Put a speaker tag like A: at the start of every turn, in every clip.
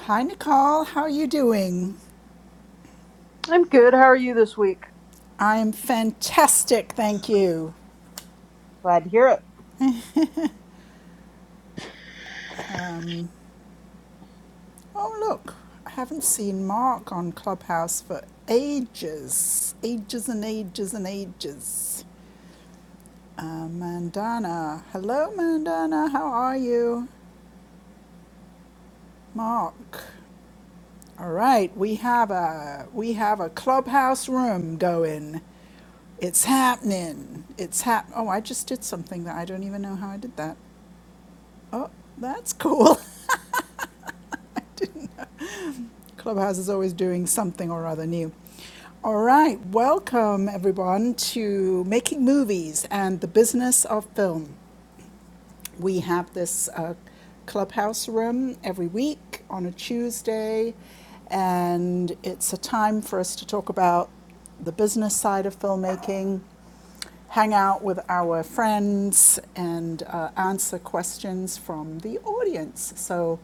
A: Hi, Nicole. How are you doing?
B: I'm good. How are you this week?
A: I'm fantastic, thank you.
B: Glad to hear it.
A: Oh, look, I haven't seen Mark on Clubhouse for ages. Ages and ages and ages. Uh, Mandana. Hello, Mandana. How are you? Mark. All right, we have a we have a clubhouse room going. It's happening. It's hap. Oh, I just did something that I don't even know how I did that. Oh, that's cool. Clubhouse is always doing something or other new. All right, welcome everyone to Making Movies and the Business of Film. We have this uh, clubhouse room every week on a Tuesday, and it's a time for us to talk about the business side of filmmaking, hang out with our friends, and uh, answer questions from the audience. So,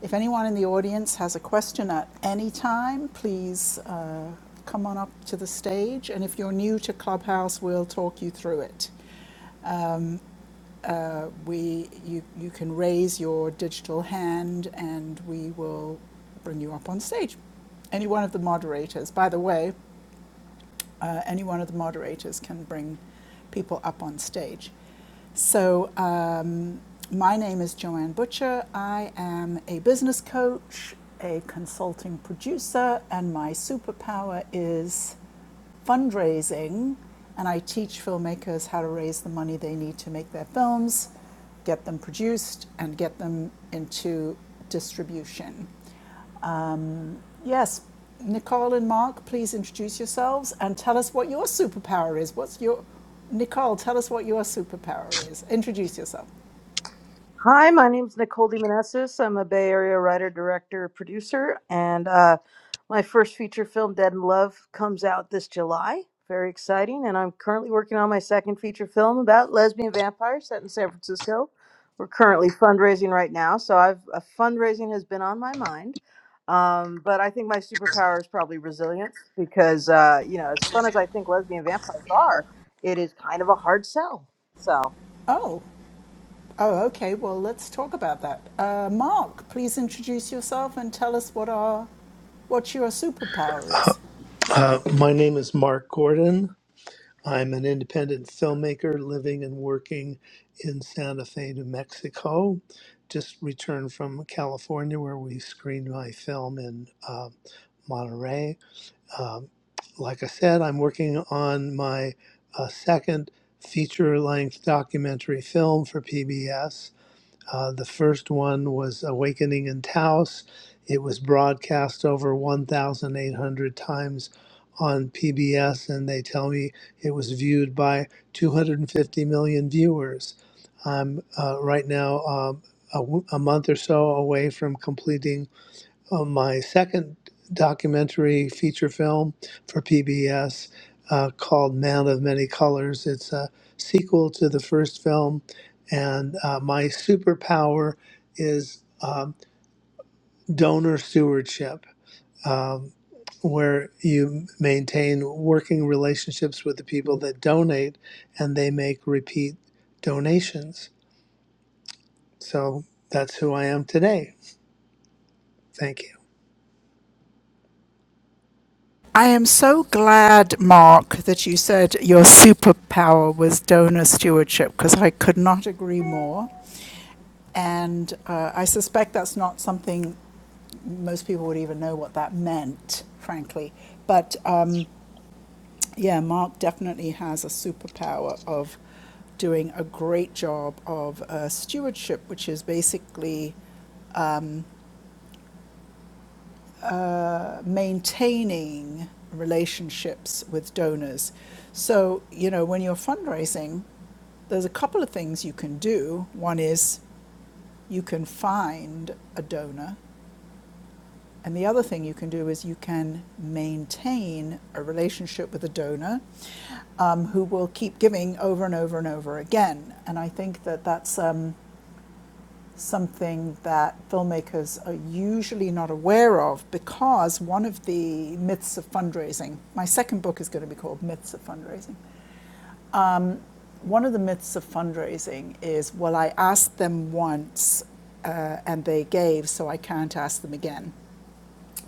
A: if anyone in the audience has a question at any time, please uh, come on up to the stage. And if you're new to Clubhouse, we'll talk you through it uh, we, you, you can raise your digital hand and we will bring you up on stage. Any one of the moderators. By the way, uh, any one of the moderators can bring people up on stage. So, um, my name is Joanne Butcher. I am a business coach, a consulting producer, and my superpower is fundraising. And I teach filmmakers how to raise the money they need to make their films, get them produced, and get them into distribution. Um, yes, Nicole and Mark, please introduce yourselves and tell us what your superpower is. What's your Nicole? Tell us what your superpower is. Introduce yourself.
B: Hi, my name's Nicole DeMonesis. I'm a Bay Area writer, director, producer, and uh, my first feature film, Dead in Love, comes out this July. Very exciting. And I'm currently working on my second feature film about lesbian vampires set in San Francisco. We're currently fundraising right now, so I've uh, fundraising has been on my mind. Um, but I think my superpower is probably resilience because, uh, you know, as fun as I think lesbian vampires are, it is kind of a hard sell. So.
A: Oh, oh, okay. Well, let's talk about that. Uh, Mark, please introduce yourself and tell us what our what your superpower is.
C: Uh, my name is Mark Gordon. I'm an independent filmmaker living and working in Santa Fe, New Mexico. Just returned from California where we screened my film in uh, Monterey. Um, like I said, I'm working on my uh, second feature length documentary film for PBS. Uh, the first one was Awakening in Taos. It was broadcast over 1,800 times on PBS, and they tell me it was viewed by 250 million viewers. I'm uh, right now um, a, w- a month or so away from completing uh, my second documentary feature film for PBS uh, called Man of Many Colors. It's a sequel to the first film, and uh, my superpower is um, donor stewardship. Um, where you maintain working relationships with the people that donate and they make repeat donations. So that's who I am today. Thank you.
A: I am so glad, Mark, that you said your superpower was donor stewardship because I could not agree more. And uh, I suspect that's not something most people would even know what that meant, frankly. But um, yeah, Mark definitely has a superpower of doing a great job of uh, stewardship, which is basically uh, maintaining relationships with donors. So, you know, when you're fundraising, there's a couple of things you can do. One is you can find a donor, and the other thing you can do is you can maintain a relationship with a donor um, who will keep giving over and over and over again. And I think that that's um, something that filmmakers are usually not aware of because one of the myths of fundraising, my second book is going to be called Myths of Fundraising. One of the myths of fundraising is, well, I asked them once uh, and they gave, so I can't ask them again.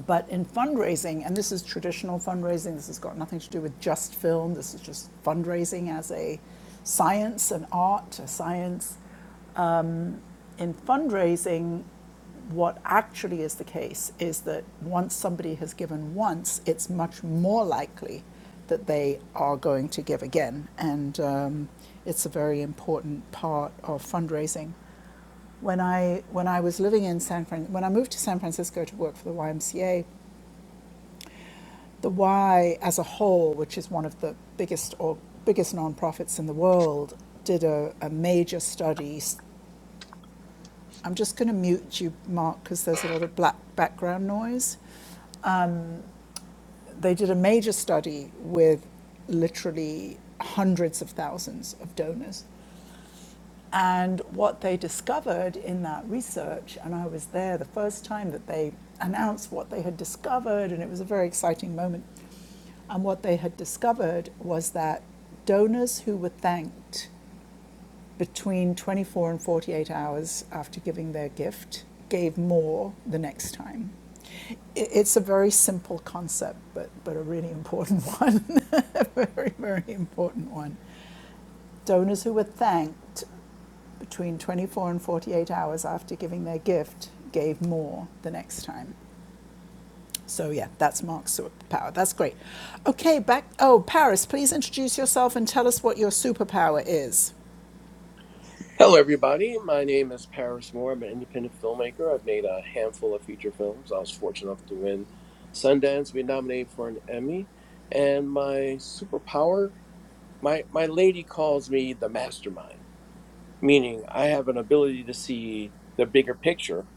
A: But in fundraising, and this is traditional fundraising, this has got nothing to do with just film, this is just fundraising as a science, an art, a science. In fundraising, what actually is the case is that once somebody has given once, it's much more likely that they are going to give again. And um, it's a very important part of fundraising. When I, when I was living in San Fran- when I moved to San Francisco to work for the YMCA, the Y as a whole, which is one of the biggest or biggest nonprofits in the world, did a, a major study. i I'm just going to mute you, Mark, because there's a lot of black background noise. They did a major study with literally hundreds of thousands of donors And what they discovered in that research, and I was there the first time that they announced what they had discovered, and it was a very exciting moment. And what they had discovered was that donors who were thanked between 24 and 48 hours after giving their gift gave more the next time. It's a very simple concept, but, but a really important one. a very, very important one. Donors who were thanked between 24 and 48 hours after giving their gift gave more the next time. So, yeah, that's Mark's superpower. That's great. Okay, back. Oh, Paris, please introduce yourself and tell us what your superpower is.
D: Hello, everybody. My name is Paris Moore. I'm an independent filmmaker. I've made a handful of feature films. I was fortunate enough to win Sundance, be nominated for an Emmy. And my superpower, my, my lady calls me the mastermind, meaning I have an ability to see the bigger picture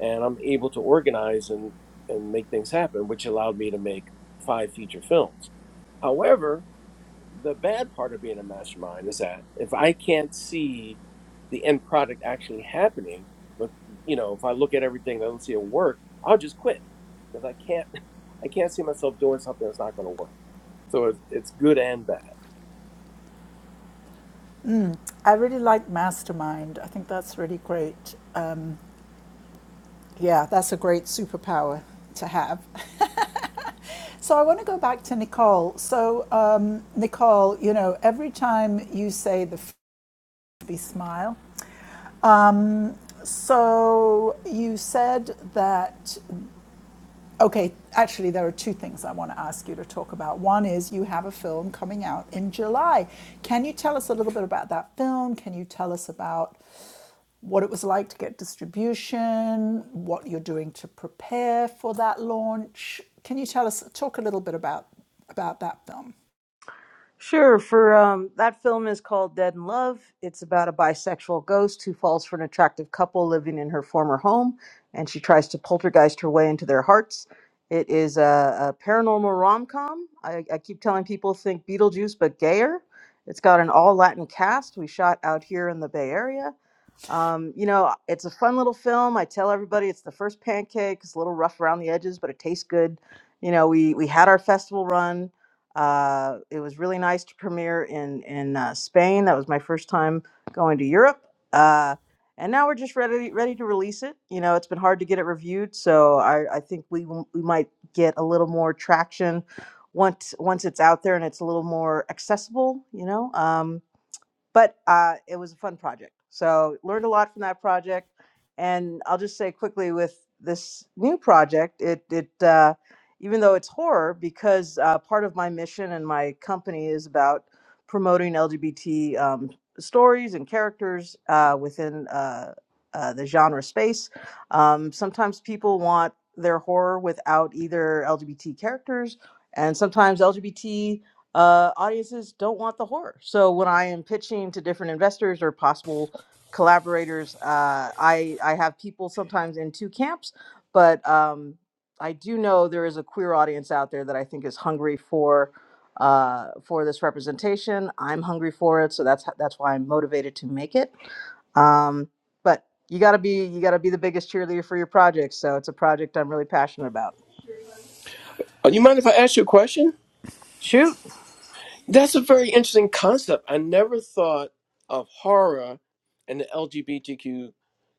D: and I'm able to organize and, and make things happen, which allowed me to make five feature films. However, the bad part of being a mastermind is that if I can't see the end product actually happening, with you know, if I look at everything and I don't see it work, I'll just quit because I can't, I can't see myself doing something that's not going to work. So it's, it's good and bad.
A: Mm, I really like Mastermind. I think that's really great. Um, yeah, that's a great superpower to have. So I want to go back to Nicole. So, um, Nicole, you know, every time you say the be smile, Um, So you said that, okay, actually, there are two things I want to ask you to talk about. One is you have a film coming out in July. Can you tell us a little bit about that film? Can you tell us about what it was like to get distribution, what you're doing to prepare for that launch? Can you tell us, talk a little bit about about that film?
B: Sure. For um, that film is called Dead in Love. It's about a bisexual ghost who falls for an attractive couple living in her former home, and she tries to poltergeist her way into their hearts. It is a, a paranormal rom com. I, I keep telling people think Beetlejuice, but gayer. It's got an all Latin cast. We shot out here in the Bay Area. Um, you know, it's a fun little film. I tell everybody it's the first pancake. It's a little rough around the edges, but it tastes good. You know, we we had our festival run. Uh, it was really nice to premiere in in uh, Spain. That was my first time going to Europe, uh, and now we're just ready ready to release it. You know, it's been hard to get it reviewed, so I, I think we will- we might get a little more traction once once it's out there and it's a little more accessible. You know. Um, but uh, it was a fun project. So learned a lot from that project. And I'll just say quickly with this new project, it it uh, even though it's horror, because uh, part of my mission and my company is about promoting LGBT um, stories and characters uh, within uh, uh, the genre space. Um, sometimes people want their horror without either LGBT characters, and sometimes LGBT uh, audiences don't want the horror. So when I am pitching to different investors or possible collaborators, uh, I I have people sometimes in two camps, but um, I do know there is a queer audience out there that I think is hungry for uh, for this representation. I'm hungry for it, so that's that's why I'm motivated to make it. Um, but you gotta be you gotta be the biggest cheerleader for your project. So it's a project I'm really passionate about.
D: Uh, you mind if I ask you a question?
B: Shoot.
D: That's a very interesting concept. I never thought of horror and the LGBTQ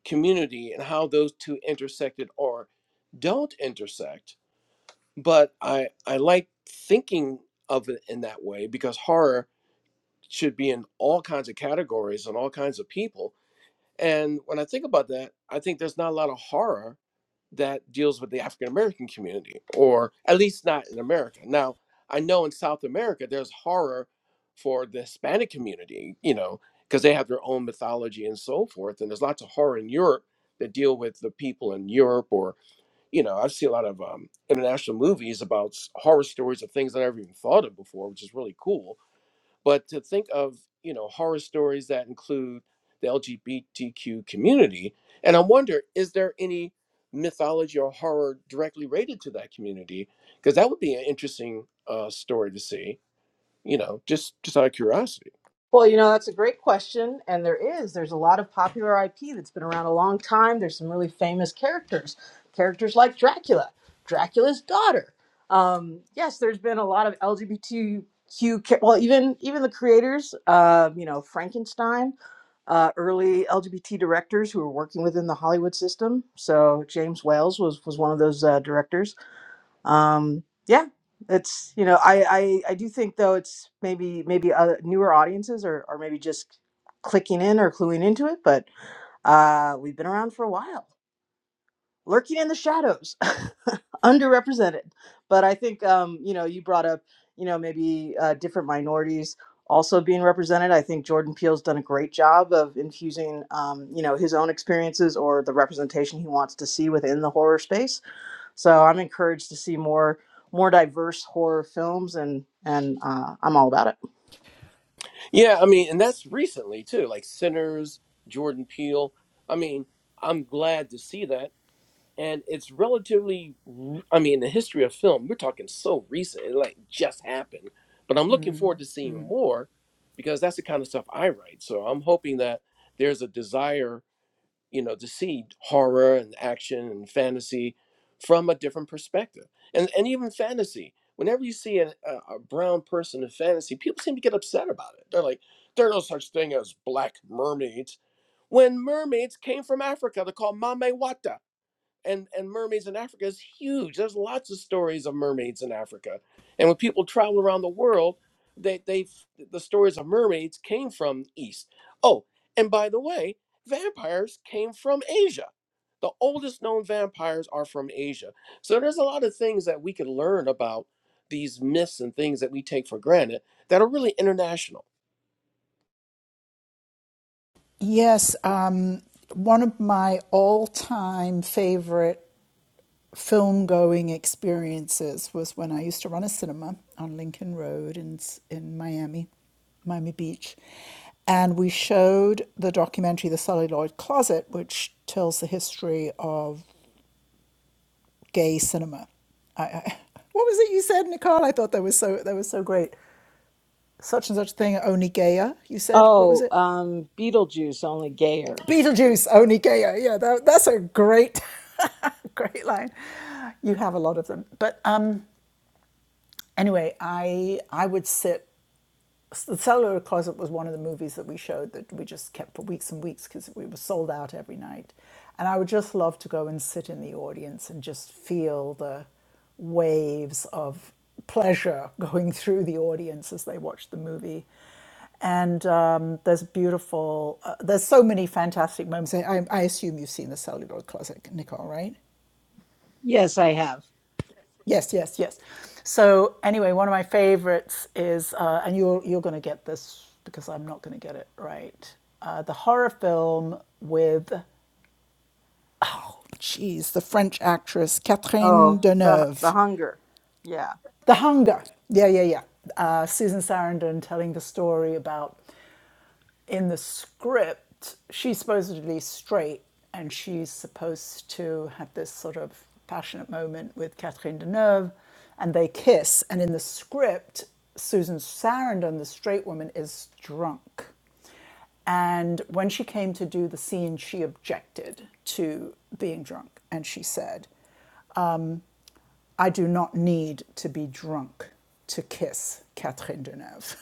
D: community and how those two intersected or don't intersect but I I like thinking of it in that way because horror should be in all kinds of categories and all kinds of people. And when I think about that, I think there's not a lot of horror that deals with the African American community, or at least not in America. Now I know in South America there's horror for the Hispanic community, you know, because they have their own mythology and so forth. And there's lots of horror in Europe that deal with the people in Europe or you know, I have seen a lot of um, international movies about s- horror stories of things that I never even thought of before, which is really cool. But to think of, you know, horror stories that include the LGBTQ community, and I wonder, is there any mythology or horror directly related to that community? Because that would be an interesting uh, story to see. You know, just just out of curiosity.
B: Well, you know, that's a great question. And there is. There's a lot of popular IP that's been around a long time. There's some really famous characters, characters like Dracula, Dracula's daughter. Um, yes, there's been a lot of LGBTQ, cha- well, even even the creators, uh, you know, Frankenstein, uh, early LGBT directors who were working within the Hollywood system. So James Wales was was one of those uh, directors um yeah it's you know i i, I do think though it's maybe maybe uh, newer audiences are, are maybe just clicking in or cluing into it but uh we've been around for a while lurking in the shadows underrepresented but i think um you know you brought up you know maybe uh, different minorities also being represented i think jordan peele's done a great job of infusing um, you know his own experiences or the representation he wants to see within the horror space so I'm encouraged to see more more diverse horror films, and and uh, I'm all about it.
D: Yeah, I mean, and that's recently too, like Sinners, Jordan Peele. I mean, I'm glad to see that and it's relatively r- i mean the history of film we're talking so recent it like just happened but i'm looking forward to seeing more because that's the kind of stuff i write so i'm hoping that there's a desire you know to see horror and action and fantasy from a different perspective and and even fantasy whenever you see a, a a brown person in fantasy people seem to get upset about it they're like there are no such thing as black mermaids when mermaids came from africa they're called mamewata and and mermaids in Africa is huge. There's lots of stories of mermaids in Africa, and when people travel around the world, they they the stories of mermaids came from East. Oh, and by the way, vampires came from Asia. The oldest known vampires are from Asia. So there's a lot of things that we could learn about these myths and things that we take for granted that are really international.
A: Yes, um, one of my all-time favorite film going experiences was when I used to run a cinema on Lincoln Road in S- in Miami, Miami Beach, and we showed the documentary The Celluloid Closet, which tells the history of gay cinema. I, I, what was it you said, Nicole? I thought that was so that was so great. Such and such thing, only gayer. You said what was
B: Oh,
A: it?
B: um, Beetlejuice, only gayer.
A: Beetlejuice, only gayer. Yeah, that, that's a great, great line. You have a lot of them, but um, Anyway, I I would sit. The Cellular Closet was one of the movies that we showed that we just kept for weeks and weeks because we were sold out every night, and I would just love to go and sit in the audience and just feel the waves of pleasure going through the audience as they watched the movie. And um, there's beautiful, uh, there's so many fantastic moments. I, I I assume you've seen the celluloid closet, Nicole, right?
B: Yes, I have.
A: Yes, yes, yes. So anyway, one of my favorites is, uh, and you're you're going to get this because I'm not going to get it right. Uh, the horror film with, geez, the French actress Catherine
B: Oh, the the
A: Deneuve,
B: hunger. Yeah.
A: The Hunger. Yeah, yeah, yeah. Uh, Susan Sarandon telling the story about in the script, she's supposedly straight and she's supposed to have this sort of passionate moment with Catherine Deneuve and they kiss. And in the script, Susan Sarandon, the straight woman, is drunk. And when she came to do the scene, she objected to being drunk. And she said, I do not need to be drunk to kiss Catherine Deneuve.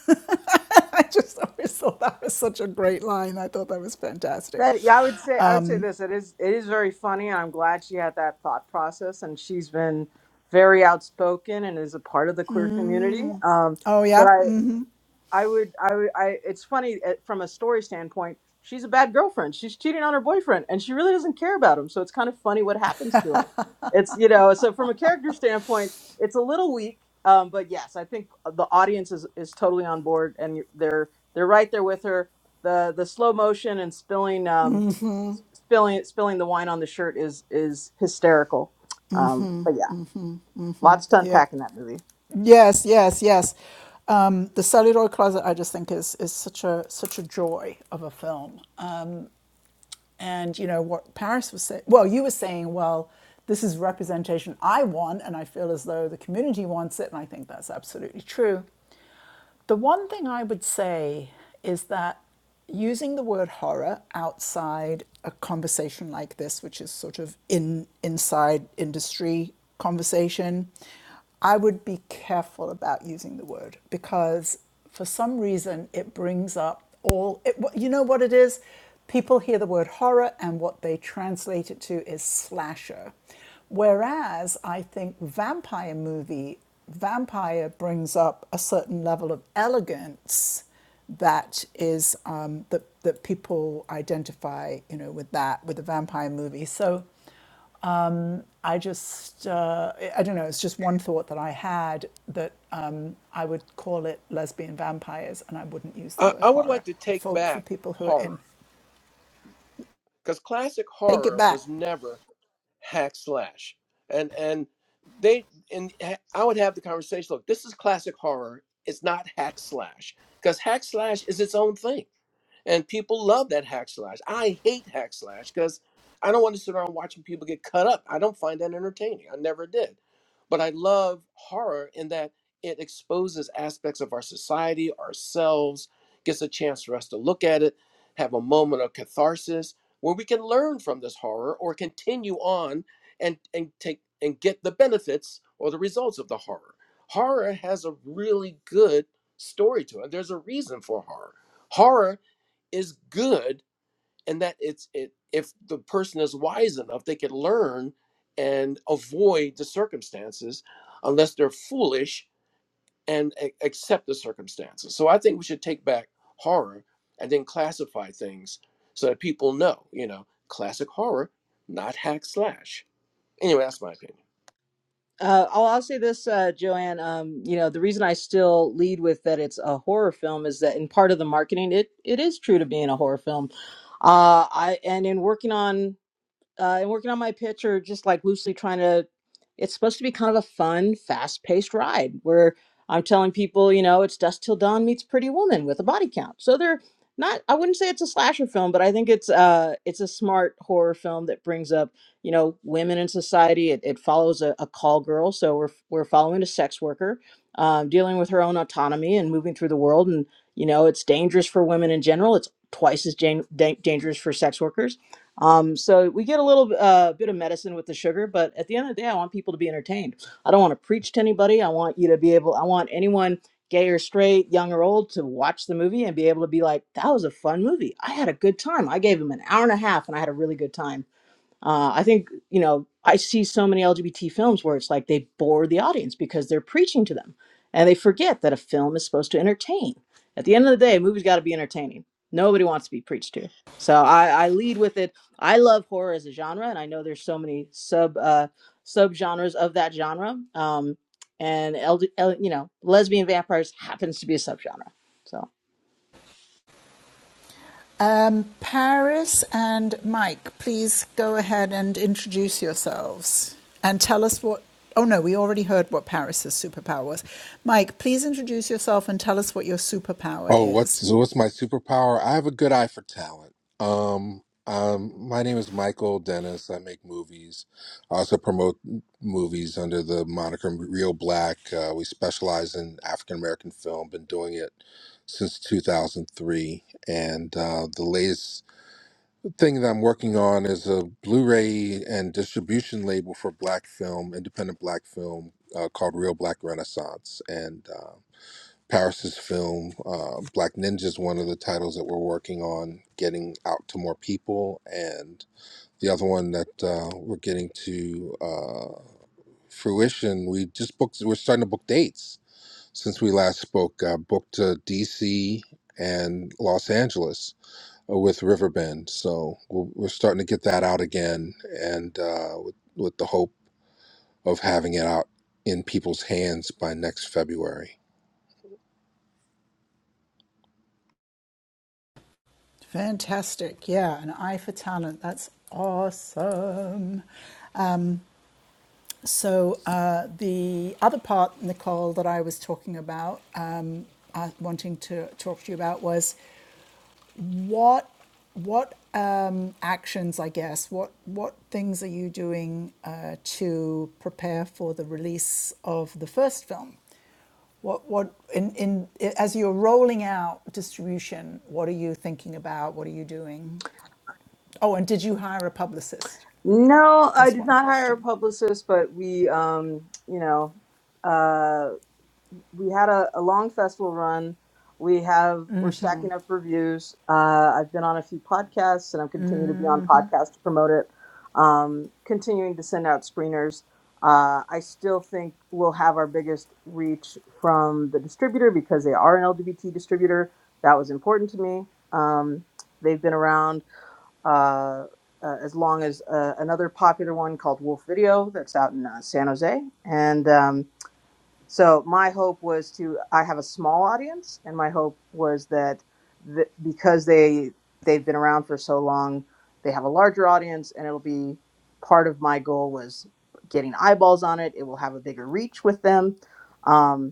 A: I just always thought that was such a great line. I thought that was fantastic.
B: That yeah, I would say I would say this. It is it is very funny and I'm glad she had that thought process and she's been very outspoken and is a part of the queer community. Um
A: Oh
B: but
A: yeah,
B: I
A: Mm,
B: I would, I would, I. It's funny eh, from a story standpoint. She's a bad girlfriend. She's cheating on her boyfriend, and she really doesn't care about him. So it's kind of funny what happens to him. It's you know, so from a character standpoint, it's a little weak. Um, but yes, I think uh, the audience is is totally on board, and they're they're right there with her. The the slow motion and spilling um, spilling spilling the wine on the shirt is is hysterical. Um, but yeah. Lots to
A: yeah,
B: unpack in that movie.
A: yes, yes, yes. Um, the Celluloid Closet, I just think is is such a such a joy of a film. And you know what Paris was saying. Well, you were saying, well, this is representation I want, and I feel as though the community wants it, and I think that's absolutely true. The one thing I would say is that using the word horror outside a conversation like this, which is sort of in inside industry conversation, I would be careful about using the word because for some reason, it brings up all. It, you know what it is? People hear the word horror, and what they translate it to is slasher. Whereas I think vampire movie, vampire brings up a certain level of elegance that is um, that that people identify, you know, with that with the vampire movie. So I just, uh, I don't know, it's just one thought that I had that um, I would call it lesbian vampires and I wouldn't use the
D: I,
A: word
D: I would like
A: horror
D: to take
A: for, for
D: back
A: people who are
D: horror
A: in.
D: because classic
A: Take it
D: horror
A: back.
D: was never hack slash and and they and i would have the conversation look this is classic horror it's not hack slash because hack slash is its own thing and people love that hack slash i hate hack slash because i don't want to sit around watching people get cut up i don't find that entertaining i never did but i love horror in that it exposes aspects of our society ourselves gets a chance for us to look at it have a moment of catharsis where we can learn from this horror or continue on and and take and get the benefits or the results of the horror. Horror has a really good story to it. There's a reason for horror. Horror is good and that it's it if the person is wise enough they can learn and avoid the circumstances unless they're foolish and a- accept the circumstances. So I think we should take back horror and then classify things so that people know, you know, classic horror, not hack slash. Anyway, that's my opinion.
B: Uh, I'll, I'll say this, uh, Joanne. Um, you know, the reason I still lead with that it's a horror film is that in part of the marketing, it it is true to being a horror film. Uh, I and in working on uh, and working on my pitch or just like loosely trying to it's supposed to be kind of a fun fast-paced ride where i'm telling people you know it's dust till dawn meets pretty woman with a body count so they're not i wouldn't say it's a slasher film but i think it's uh it's a smart horror film that brings up you know women in society it, it follows a, a call girl so we're we're following a sex worker um, dealing with her own autonomy and moving through the world and you know it's dangerous for women in general it's twice as jan- dan- dangerous for sex workers um, so we get a little uh, bit of medicine with the sugar, but at the end of the day, I want people to be entertained. I don't want to preach to anybody. I want you to be able. I want anyone, gay or straight, young or old, to watch the movie and be able to be like, "That was a fun movie. I had a good time. I gave him an hour and a half, and I had a really good time." Uh, I think, you know, I see so many LGBT films where it's like they bore the audience because they're preaching to them and they forget that a film is supposed to entertain. At the end of the day, a movie's got to be entertaining. Nobody wants to be preached to. So I, I lead with it. I love horror as a genre, and I know there's so many sub uh, sub genres of that genre. Um, and L, L, you know, lesbian vampires happens to be a subgenre. So
A: Um, Paris and Mike, please go ahead and introduce yourselves and tell us what. Oh no, we already heard what Paris's superpower was. Mike, please introduce yourself and tell us what your superpower
E: Oh,
A: is.
E: what's what's my superpower? I have a good eye for talent. Um, um, my name is Michael Dennis. I make movies. I also promote movies under the moniker Real Black. Uh, we specialize in African American film. Been doing it since 2003. And uh, the latest thing that I'm working on is a Blu-ray and distribution label for black film, independent black film, uh, called Real Black Renaissance. And uh, Paris's film. Uh, Black Ninja is one of the titles that we're working on getting out to more people, and the other one that uh, we're getting to uh, fruition. We just booked. We're starting to book dates since we last spoke. Uh, booked uh, D.C. and Los Angeles uh, with Riverbend, so we're, we're starting to get that out again, and uh, with, with the hope of having it out in people's hands by next February.
A: Fantastic. Yeah, an eye for talent. That's awesome. So uh, the other part, Nicole, that I was talking about, um, uh, wanting to talk to you about was what what um, actions, I guess, what what things are you doing uh, to prepare for the release of the first film? What what in, in as you're rolling out distribution, what are you thinking about? What are you doing? Oh, and did you hire a publicist?
B: No, I
A: That's
B: did
A: one
B: not hire a
A: question.
B: publicist, but we, um, you know, uh, we had a, a long festival run. We have we're stacking up reviews. Uh, I've been on a few podcasts, and I'm continuing to be on podcasts to promote it. Um, continuing to send out screeners. Uh, I still think we'll have our biggest reach from the distributor because they are an LGBT distributor. That was important to me. Um, they've been around uh, uh, as long as uh, another popular one called Wolf Video that's out in uh, San Jose. And um, so my hope was to I have a small audience, and my hope was that th- because they they've been around for so long, they have a larger audience, and it'll be part of my goal was getting eyeballs on it. It will have a bigger reach with them. Um,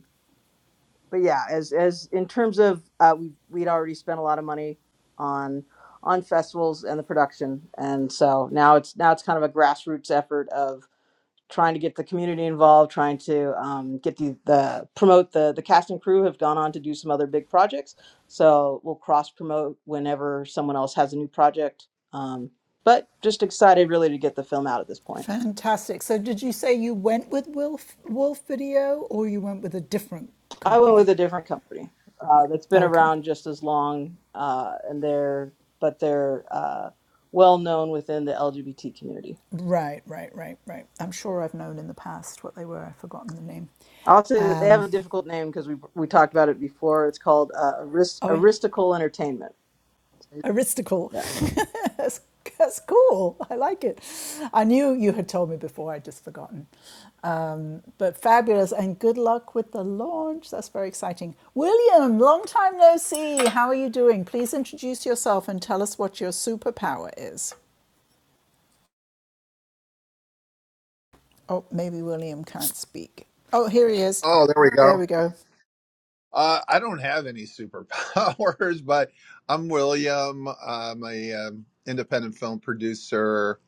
B: but yeah, as as in terms of uh, we we'd already spent a lot of money on on festivals and the production, and so now it's now it's kind of a grassroots effort of trying to get the community involved, trying to um, get the the promote the the cast and crew have gone on to do some other big projects, so we'll cross promote whenever someone else has a new project. Um, but just excited really to get the film out at this point.
A: Fantastic. So did you say you went with Wolf Wolf Video or you went with a different
B: I went with
A: company?
B: a different company uh, that's been
A: Okay.
B: around just as long, uh, and they're but they're uh, well known within the LGBT community.
A: Right, right, right, right. I'm sure I've known in the past what they were. I've forgotten the name.
B: I'll say that they have a difficult name because we we talked about it before. It's called uh, Arist-
A: Oh, yeah,
B: Aristical Entertainment.
A: Aristocle. that's, that's cool. I like it. I knew you had told me before. I'd just forgotten. But fabulous. And good luck with the launch. That's very exciting. William, long time no see. How are you doing? Please introduce yourself and tell us what your superpower is. Oh, maybe William can't speak. Oh, here he is.
F: Oh, there we
A: There
F: go.
A: we go.
F: Uh, I don't have any superpowers, but I'm William. I'm a um, independent film producer.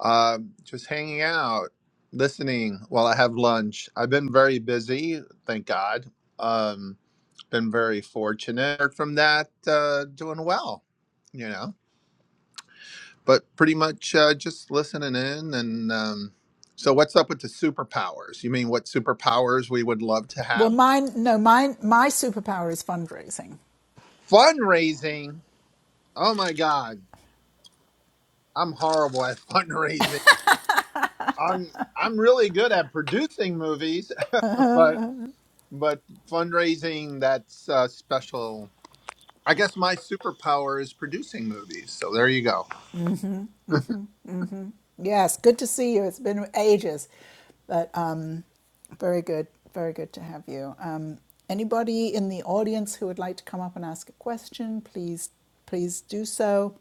F: Um, just hanging out, listening while I have lunch. I've been very busy, thank God. Um, been very fortunate. Apart From that, uh, doing well, you know. But pretty much uh, just listening in. And um, so, what's up with the superpowers? You mean what superpowers we would love to
A: Well,
F: have?
A: mine, no, mine, my superpower is fundraising.
F: Fundraising Oh my god, I'm horrible at fundraising. I'm I'm really good at producing movies, but but fundraising that's uh, special. I guess my superpower is producing movies. So there you go.
A: Yes, good to see you. It's been ages, but um, very good, very good to have you. Um, anybody in the audience who would like to come up and ask a question, please, please do so.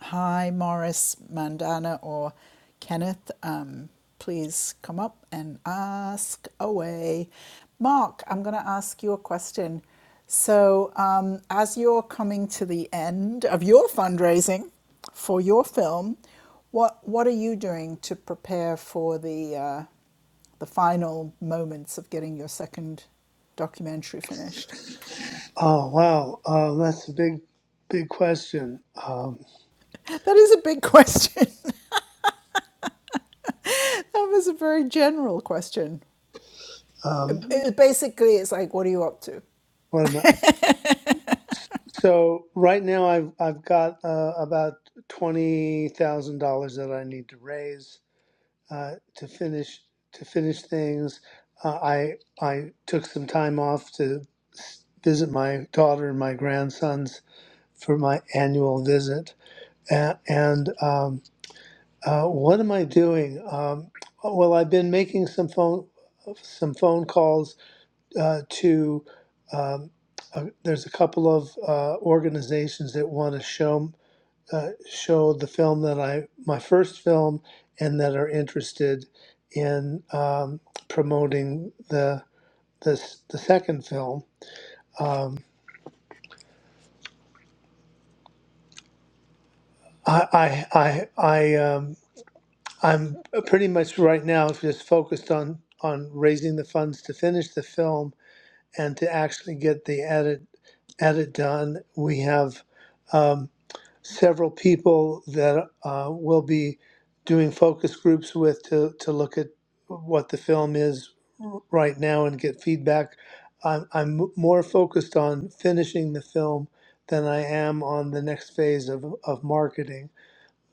A: Hi, Morris, Mandana, or Kenneth. Um, please come up and ask away. Mark, I'm going to ask you a question. So, um, as you're coming to the end of your fundraising for your film, what what are you doing to prepare for the uh, the final moments of getting your second documentary finished?
C: Oh wow, uh, that's a big, big question. Um,
A: That is a big question. that was a very general question. It,
C: um,
A: it basically, it's like, what are you up to?
C: what am I? So right now, I've I've got uh, about twenty thousand dollars that I need to raise uh, to finish to finish things. Uh, I I took some time off to s- visit my daughter and my grandsons for my annual visit. And, and um, uh, what am I doing? Um, well, I've been making some phone some phone calls uh, to um, uh, there's a couple of uh, organizations that want to show uh, show the film that I my first film and that are interested in um, promoting the this the second film. Um, I I I I um, I'm pretty much right now just focused on on raising the funds to finish the film and to actually get the edit edit done. We have um, several people that uh, we'll be doing focus groups with to, to look at what the film is right now and get feedback. I'm, I'm more focused on finishing the film than I am on the next phase of, of marketing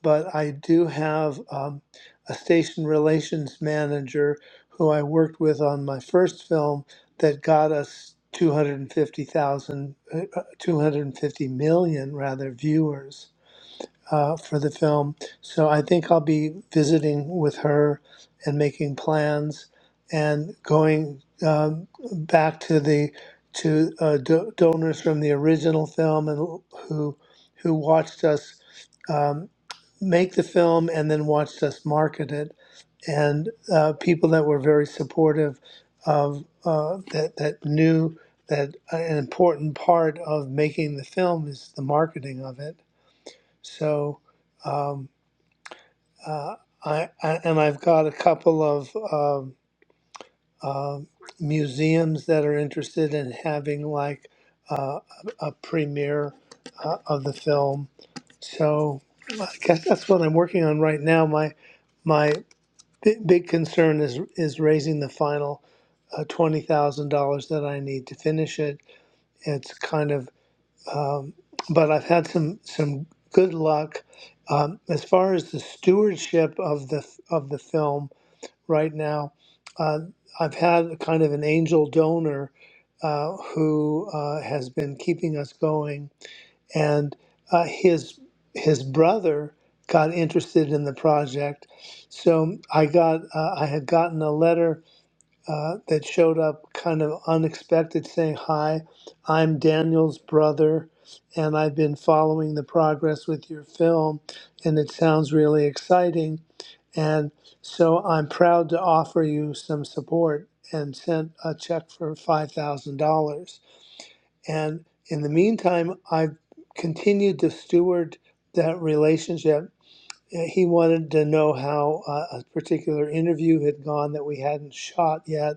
C: but I do have um, a station relations manager who I worked with on my first film that got us 250,000, uh, 250 million rather viewers uh, for the film. So I think I'll be visiting with her and making plans and going um, back to the to uh, do- donors from the original film and who who watched us um, make the film and then watched us market it and uh, people that were very supportive of uh, that that knew that an important part of making the film is the marketing of it so, um, uh, I, I and I've got a couple of um, um museums that are interested in having like uh, a a premiere uh, of the film. So, I guess that's what I'm working on right now. My my bi- big concern is is raising the final uh, twenty thousand dollars that I need to finish it. It's kind of um, but I've had some some good luck um, as far as the stewardship of the of the film right now. Uh, I've had kind of an angel donor uh, who uh, has been keeping us going, and uh, his his brother got interested in the project, so I got uh, I had gotten a letter uh, that showed up kind of unexpected saying, Hi, I'm Daniel's brother, and I've been following the progress with your film, and it sounds really exciting. And so I'm proud to offer you some support and sent a check for $5,000. And in the meantime, I've continued to steward that relationship. He wanted to know how uh, a particular interview had gone that we hadn't shot yet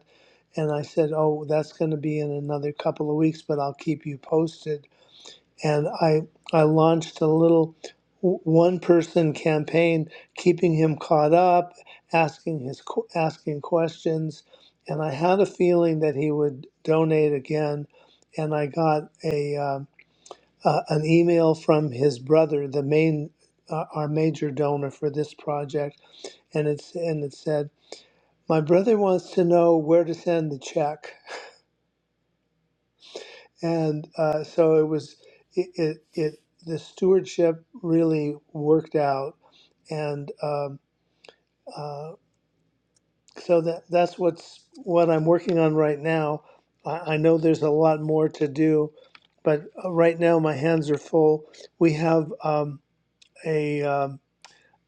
C: and I said, "Oh, that's going to be in another couple of weeks, but I'll keep you posted." And I I launched a little one person campaign, keeping him caught up, asking his asking questions, and I had a feeling that he would donate again. And I got a um uh, an email from his brother, the main uh, our major donor for this project, and it's and it said, "My brother wants to know where to send the check." and uh, so it was it, it it the stewardship really worked out and um, uh, so that that's what's what I'm working on right now I, I know there's a lot more to do but uh, right now my hands are full we have um, a um,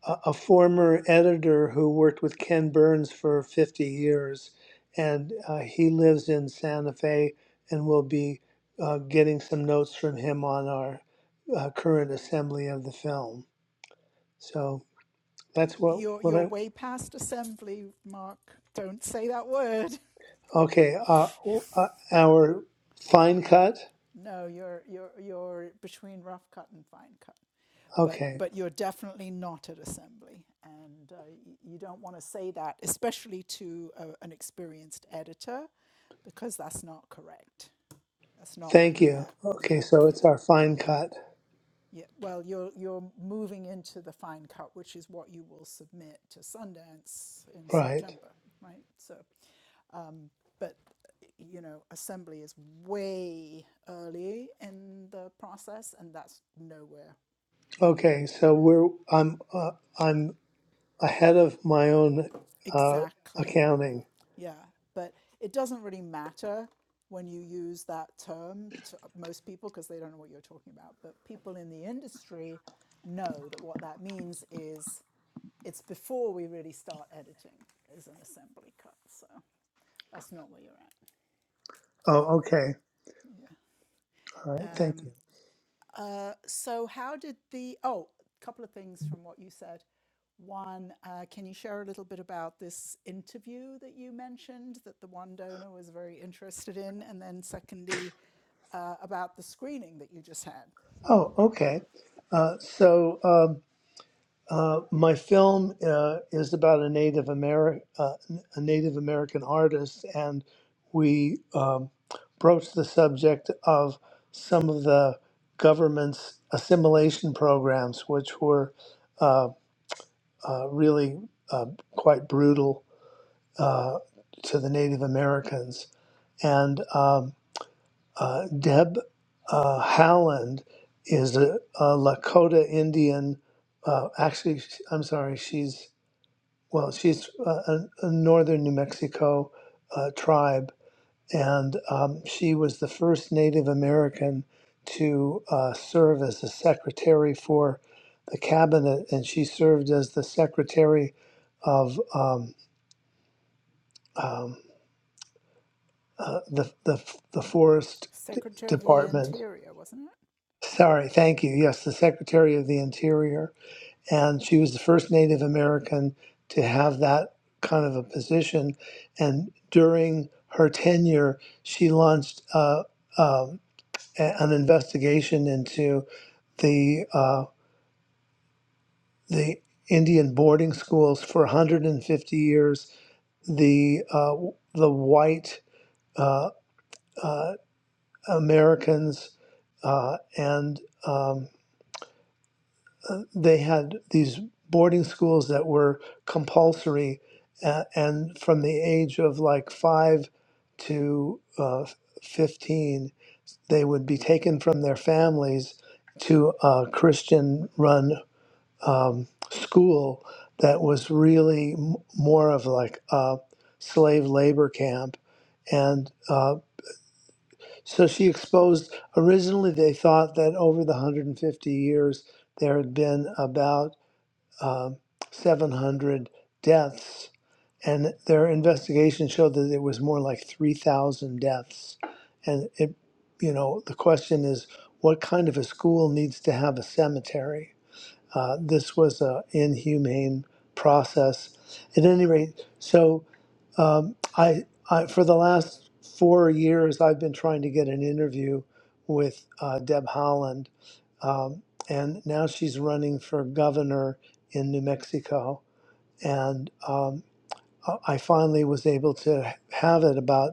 C: a a former editor who worked with Ken Burns for 50 years, and uh, he lives in Santa Fe, and we'll be uh, getting some notes from him on our uh, current assembly of the film. So that's what
A: You're
C: what
A: you're
C: I
A: way past assembly, Mark. Don't say that word.
C: okay. Uh, uh, our fine cut.
A: No, you're you're you're between rough cut and fine cut. But
C: Okay,
A: but you're definitely not at assembly, and uh, you don't want to say that, especially to a, an experienced editor, because that's not correct. That's not where
C: thank
A: you're
C: you.
A: at. Yeah,
C: Okay, so it's
A: yeah.
C: our fine cut,
A: Yeah, well, you're you're moving into the fine cut, which is what you will submit to Sundance in
C: right?
A: September, right? So, but you know, assembly is way early in the process, and that's nowhere near where
C: Okay,
A: you're
C: so
A: at.
C: we're I'm uh, I'm ahead of my own uh,
A: Exactly.
C: accounting.
A: Yeah, but it doesn't really matter when you use that term to most people because they don't know what you're talking about. But people in the industry know that what that means is it's before we really start editing is an assembly cut. So that's not where you're at.
C: Oh, okay. All right. Thank you.
A: Uh, so how did the oh a couple of things from what you said one uh, can you share a little bit about this interview that you mentioned that the one donor was very interested in and then secondly uh, about the screening that you just had
C: Oh, okay. Uh, so um, uh, my film uh, is about a Native Ameri- uh, a Native American artist, and we um, broached the subject of some of the government's assimilation programs, which were uh, uh, really uh, quite brutal uh, to the Native Americans, and. um, Uh, Deb uh, Howland is a, a Lakota Indian. Uh, actually, sh- I'm sorry, she's, well, she's uh, a, a northern New Mexico uh, tribe, and um, she was the first Native American to uh, serve as the secretary for the cabinet, and she served as the secretary of um, um, uh, the, the, the forest
A: secretary of the
C: department
A: interior wasn't it
C: Sorry, thank you. Yes, the Secretary of the Interior. And she was the first Native American to have that kind of a position. And during her tenure, she launched uh, um, a- an investigation into the, uh, the Indian boarding schools for 150 years. The, uh, the white uh, uh, Americans uh, and um, uh, they had these boarding schools that were compulsory, uh, and from the age of like five to uh, 15, they would be taken from their families to a Christian run um, school that was really m- more of like a slave labor camp. And uh, so she exposed, originally they thought that over the 150 years, there had been about um, 700 deaths, and their investigation showed that it was more like 3,000 deaths. And it, you know, the question is, what kind of a school needs to have a cemetery? Uh, this was an inhumane process. At any rate, so um, I, I, for the last four years, I've been trying to get an interview with uh, Deb Holland, um, and now she's running for governor in New Mexico. And um, uh, I finally was able to have it about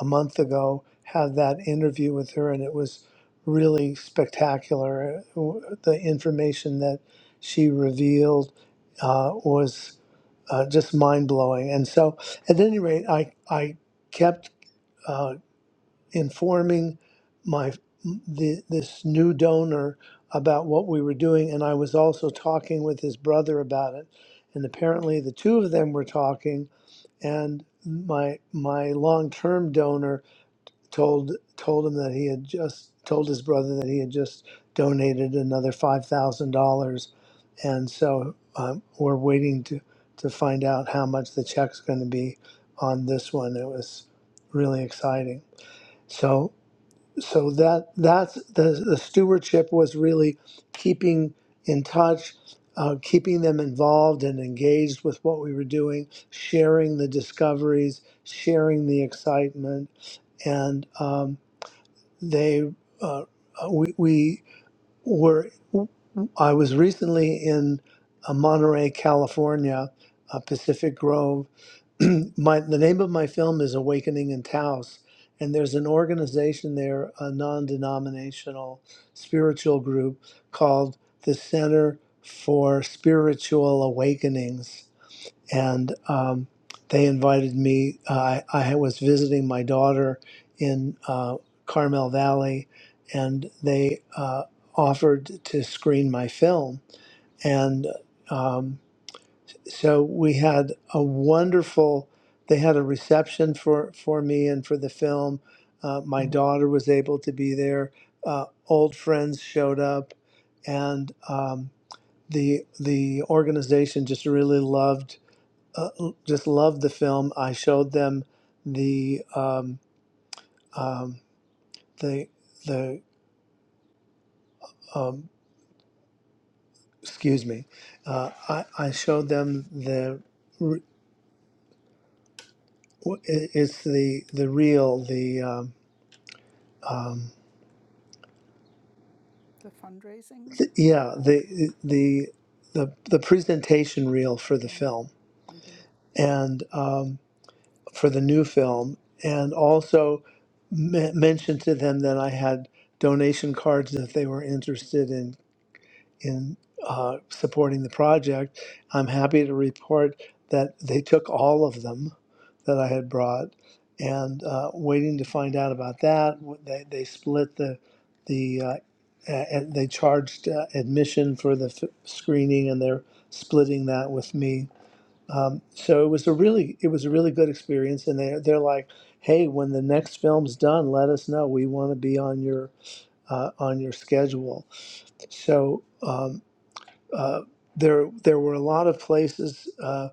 C: a month ago, have that interview with her, and it was really spectacular. The information that she revealed uh, was uh, just mind blowing. And so, at any rate, I, I kept uh, informing my the, this new donor about what we were doing, and I was also talking with his brother about it. And apparently, the two of them were talking, and my my long term donor told told him that he had just told his brother that he had just donated another five thousand dollars, and so um, we're waiting to to find out how much the check's going to be on this one. It was really exciting. So so that that's the, the stewardship was really keeping in touch uh, keeping them involved and engaged with what we were doing sharing the discoveries sharing the excitement and um, they uh, uh, we, we were I was recently in uh, Monterey, California, uh, Pacific Grove. my the name of my film is Awakening in Taos, and there's an organization there, a non-denominational spiritual group called the Center for Spiritual Awakenings and um, they invited me. Uh, I I was visiting my daughter in uh, Carmel Valley, and they uh, offered to screen my film. And um, so we had a wonderful. They had a reception for for me and for the film. Uh, my daughter was able to be there. Uh, old friends showed up, and um, the the organization just really loved uh, just loved the film. I showed them the um, um, the the um, excuse me. Uh, I I showed them the re- w- i- it's the the real the um, um,
A: the fundraising
C: th- yeah the the the the presentation reel for the
A: Mm-hmm.
C: film
A: Mm-hmm.
C: and um, for the new film and also me- mentioned to them that I had donation cards if they were interested in. in uh, supporting the project. I'm happy to report that they took all of them that I had brought, and uh, waiting to find out about that. They, they split the the uh, a- and they charged uh, admission for the f- screening, and they're splitting that with me. Um, so it was a really it was a really good experience, and they they're like, hey, when the next film's done, let us know. We want to be on your uh, on your schedule. So. Um, uh, there there were a lot of places, uh,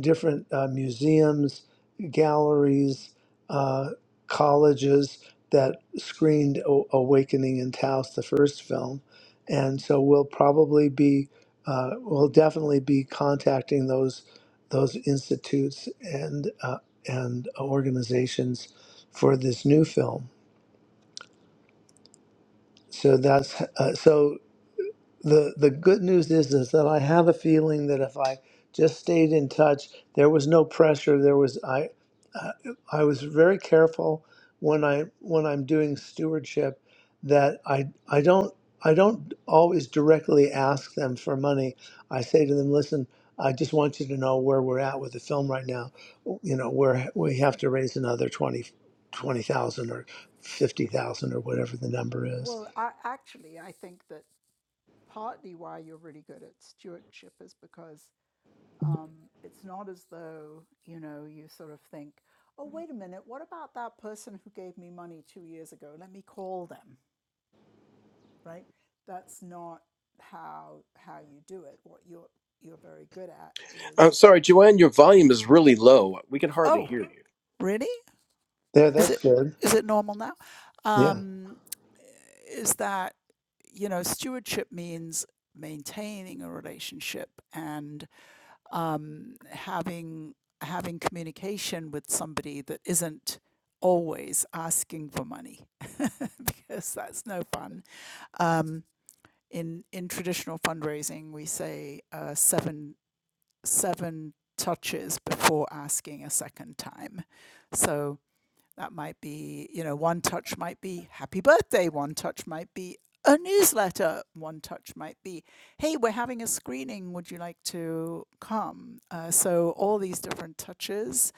C: different uh, museums, galleries, uh, colleges that screened o- Awakening in Taos, the first film, and so we'll probably be uh, we'll definitely be contacting those those institutes and uh, and organizations for this new film. So that's uh, so. the the good news is is that I have a feeling that if I just stayed in touch, there was no pressure. There was I uh, I was very careful when I when I'm doing stewardship that I I don't I don't always directly ask them for money. I say to them, listen. I just want you to know where we're at with the film right now. You know, where we have to raise another 20 20,000 or 50,000 or whatever the number is.
A: well I, actually i think that partly why you're really good at stewardship is because um, it's not as though you know you sort of think oh wait a minute what about that person who gave me money two years ago let me call them right that's not how how you do it what you're you're very good at
D: I'm
A: is
D: sorry, Joanne, your volume is really low. We can hardly
A: oh
D: hear you.
A: really
C: There,
A: is
C: that's
A: it
C: good.
A: is it normal now
C: Yeah,
A: um, is that you know stewardship means maintaining a relationship and um, having having communication with somebody that isn't always asking for money because that's no fun. Um, in in traditional fundraising, we say uh, seven seven touches before asking a second time. So that might be, you know, one touch might be happy birthday, one touch might be a newsletter, one touch might be, hey, we're having a screening, would you like to come? Uh, so all these different touches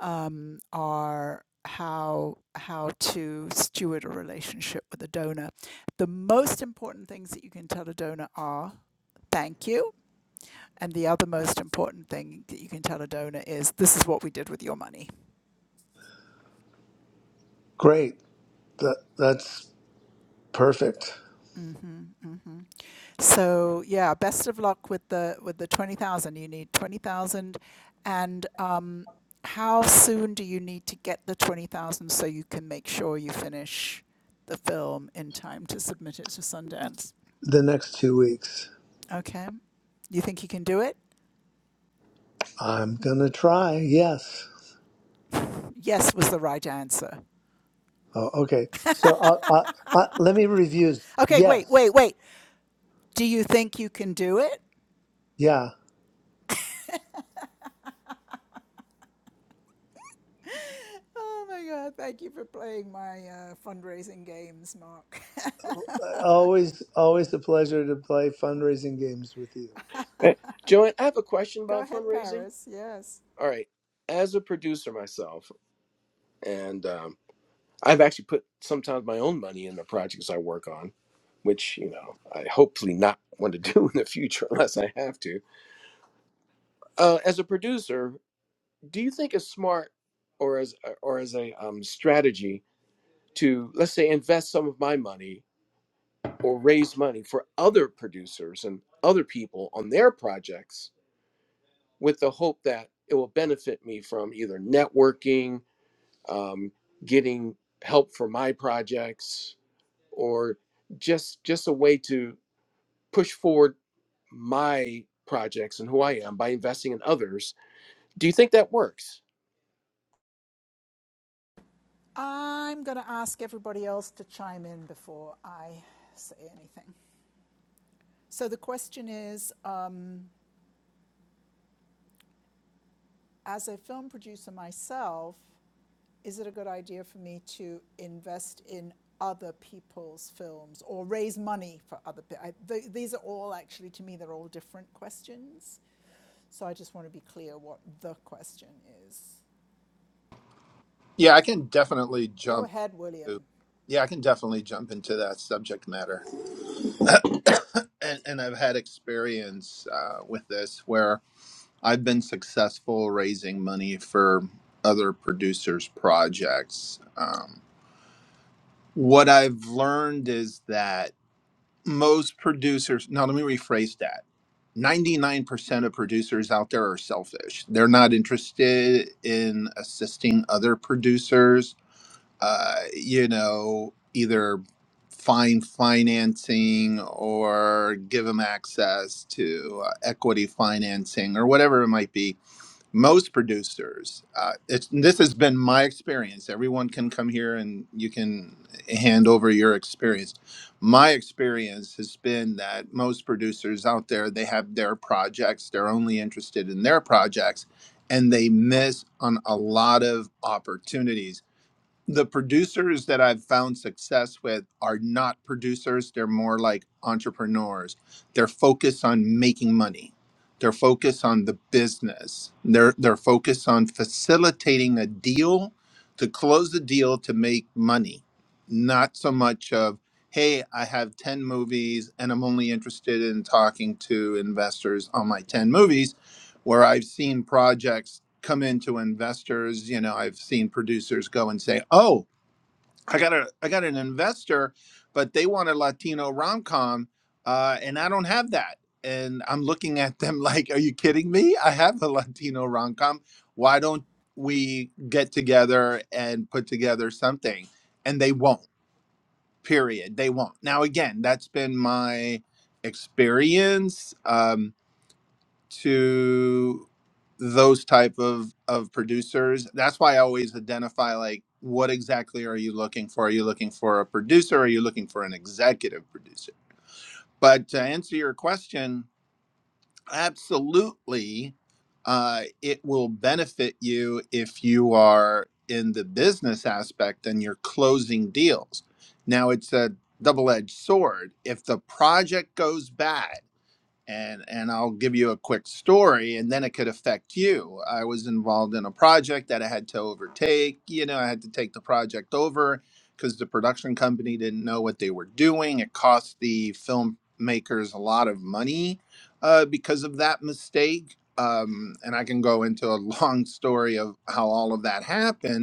A: um, are how how to steward a relationship with a donor. The most important things that you can tell a donor are thank you, and the other most important thing that you can tell a donor is this is what we did with your money.
C: great. That that's perfect.
A: Mm-hmm, mm-hmm. So yeah, best of luck with the with the twenty thousand. You need twenty thousand, and um, how soon do you need to get the twenty thousand so you can make sure you finish the film in time to submit it to Sundance?
C: The next two weeks,
A: Okay, you think you can do it?
C: I'm gonna try. Yes.
A: Yes was the right answer.
C: Oh, okay. So uh, uh, uh, let me review.
A: Okay, wait, wait,
C: Yes.
A: wait. Do you think you can do it?
C: Yeah.
A: Oh my God! Thank you for playing my uh, fundraising games, Mark.
C: Always, always a pleasure to play fundraising games with you.
D: Eh, Joanne, I have a question
A: Go
D: about
A: ahead,
D: fundraising.
A: Paris. Yes.
D: All right. As a producer myself, and um, I've actually put sometimes my own money in the projects I work on, which, you know, I hopefully not want to do in the future unless I have to uh, as a producer, do you think it's smart or as or as a um, strategy to let's say invest some of my money or raise money for other producers and other people on their projects with the hope that it will benefit me from either networking um, getting help for my projects or just just a way to push forward my projects and who i am by investing in others do you think that works
A: I'm going to ask everybody else to chime in before I say anything. So the question is um, as a film producer myself, is it a good idea for me to invest in other people's films or raise money for other people? Th- these are all actually, to me, they're all different questions. So I just want to be clear what the question is.
F: Yeah, I can definitely
A: Go
F: jump.
A: ahead, William.
F: Into, yeah, I can definitely jump into that subject matter, and, and I've had experience uh, with this where I've been successful raising money for other producers' projects. Um, What I've learned is that most producers, now let me rephrase that. 99% of producers out there are selfish. They're not interested in assisting other producers, uh, you know, either find financing or give them access to uh, equity financing or whatever it might be most producers uh, it's, this has been my experience everyone can come here and you can hand over your experience my experience has been that most producers out there they have their projects they're only interested in their projects and they miss on a lot of opportunities the producers that I've found success with are not producers. They're more like entrepreneurs. They're focused on making money. They're focused on the business. They're they're focused on facilitating a deal to close the deal to make money. Not so much of, hey, I have 10 movies and I'm only interested in talking to investors on my 10 movies where I've seen projects come into investors. You know, I've seen producers go and say, "Oh, I got a I got an investor, but they want a Latino rom com, uh, and I don't have that." And I'm looking at them like, "Are you kidding me? I have a Latino rom com. Why don't we get together and put together something?" And they won't. Period. They won't. Now, again, that's been my experience. Um, to those type of of producers that's why i always identify like what exactly are you looking for are you looking for a producer are you looking for an executive producer but to answer your question absolutely uh, it will benefit you if you are in the business aspect and you're closing deals now it's a double-edged sword if the project goes bad and and I'll give you a quick story, and then it could affect you. I was involved in a project that I had to overtake. You know, I had to take the project over because the production company didn't know what they were doing. It cost the filmmakers a lot of money uh, because of that mistake. Um, and I can go into a long story of how all of that happened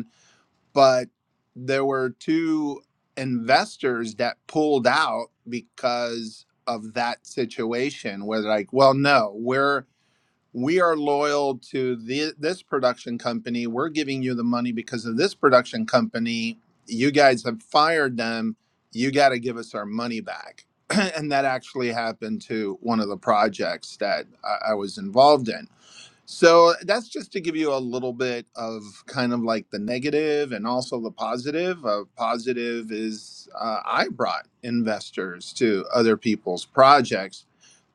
F: but there were two investors that pulled out because of that situation where they're like well no we're we are loyal to the, this production company we're giving you the money because of this production company you guys have fired them you got to give us our money back and that actually happened to one of the projects that I, I was involved in so that's just to give you a little bit of kind of like the negative and also the positive. Uh, positive is uh, I brought investors to other people's projects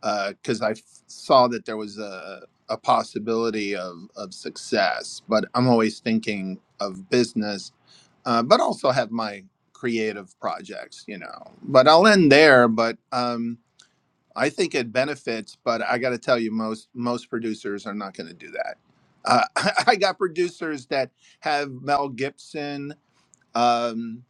F: because I f- saw that there was a, a possibility of, of success. But I'm always thinking of business, uh, but also have my creative projects, you know. But I'll end there. But um, I think it benefits, but I got to tell you, most most producers are not going to do that. Uh, I got producers that have Mel Gibson. Um,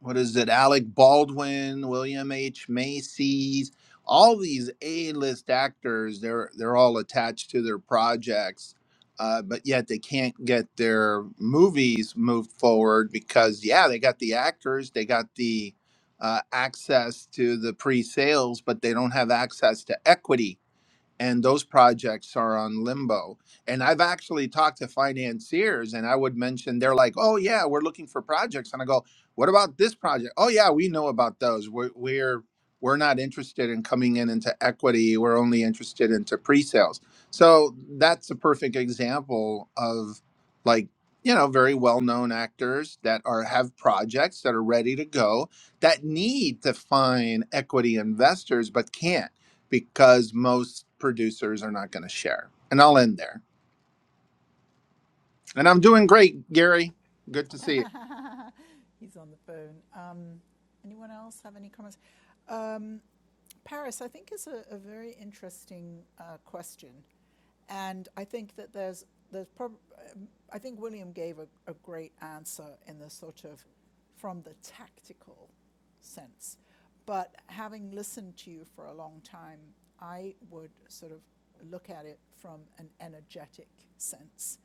F: what is it? Alec Baldwin, William H. Macy's, all these A-list actors. They're they're all attached to their projects, uh, but yet they can't get their movies moved forward because yeah, they got the actors, they got the uh, access to the pre-sales, but they don't have access to equity and those projects are on limbo. And I've actually talked to financiers, and I would mention they're like, "Oh yeah, we're looking for projects," and I go, "What about this project? Oh yeah, we know about those. We're we're we're not interested in coming in into equity. We're only interested into pre-sales." So that's a perfect example of like you know very well-known actors that are have projects that are ready to go that need to find equity investors but can't because most producers are not going to share. And I'll end there. And I'm doing great, Gary. Good to see you.
A: He's on the phone. Um, anyone else have any comments? Um, Paris, I think, is a, a very interesting uh, question. And I think that there's, there's prob- um, I think William gave a, a great answer in the sort of from the tactical sense. But having listened to you for a long time, I would sort of look at it from an energetic sense.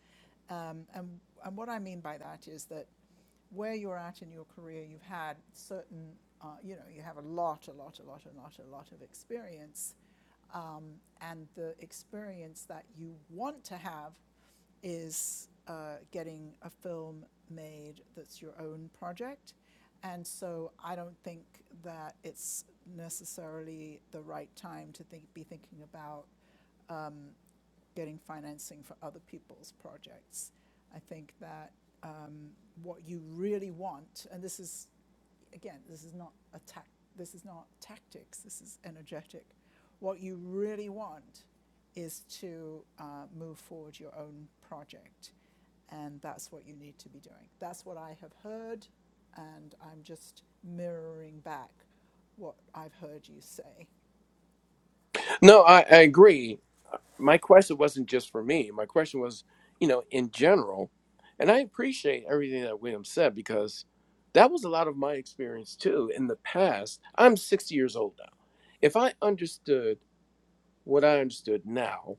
A: Um, and, and what I mean by that is that where you're at in your career, you've had certain, uh, you know, you have a lot, a lot, a lot, a lot, a lot of experience. And the experience that you want to have is uh, getting a film made that's your own project. And so I don't think that it's necessarily the right time to think, be thinking about getting financing for other people's projects. I think that what you really want, and this is again, this is not a tac, this is not tactics, this is energetic. What you really want is to uh, move forward your own project, and that's what you need to be doing. That's what I have heard, and I'm just mirroring back what I've heard you say.
D: No, I, I agree. My question wasn't just for me. My question was, you know, in general. And I appreciate everything that William said because that was a lot of my experience too in the past. I'm 60 years old now. If I understood what I understood now,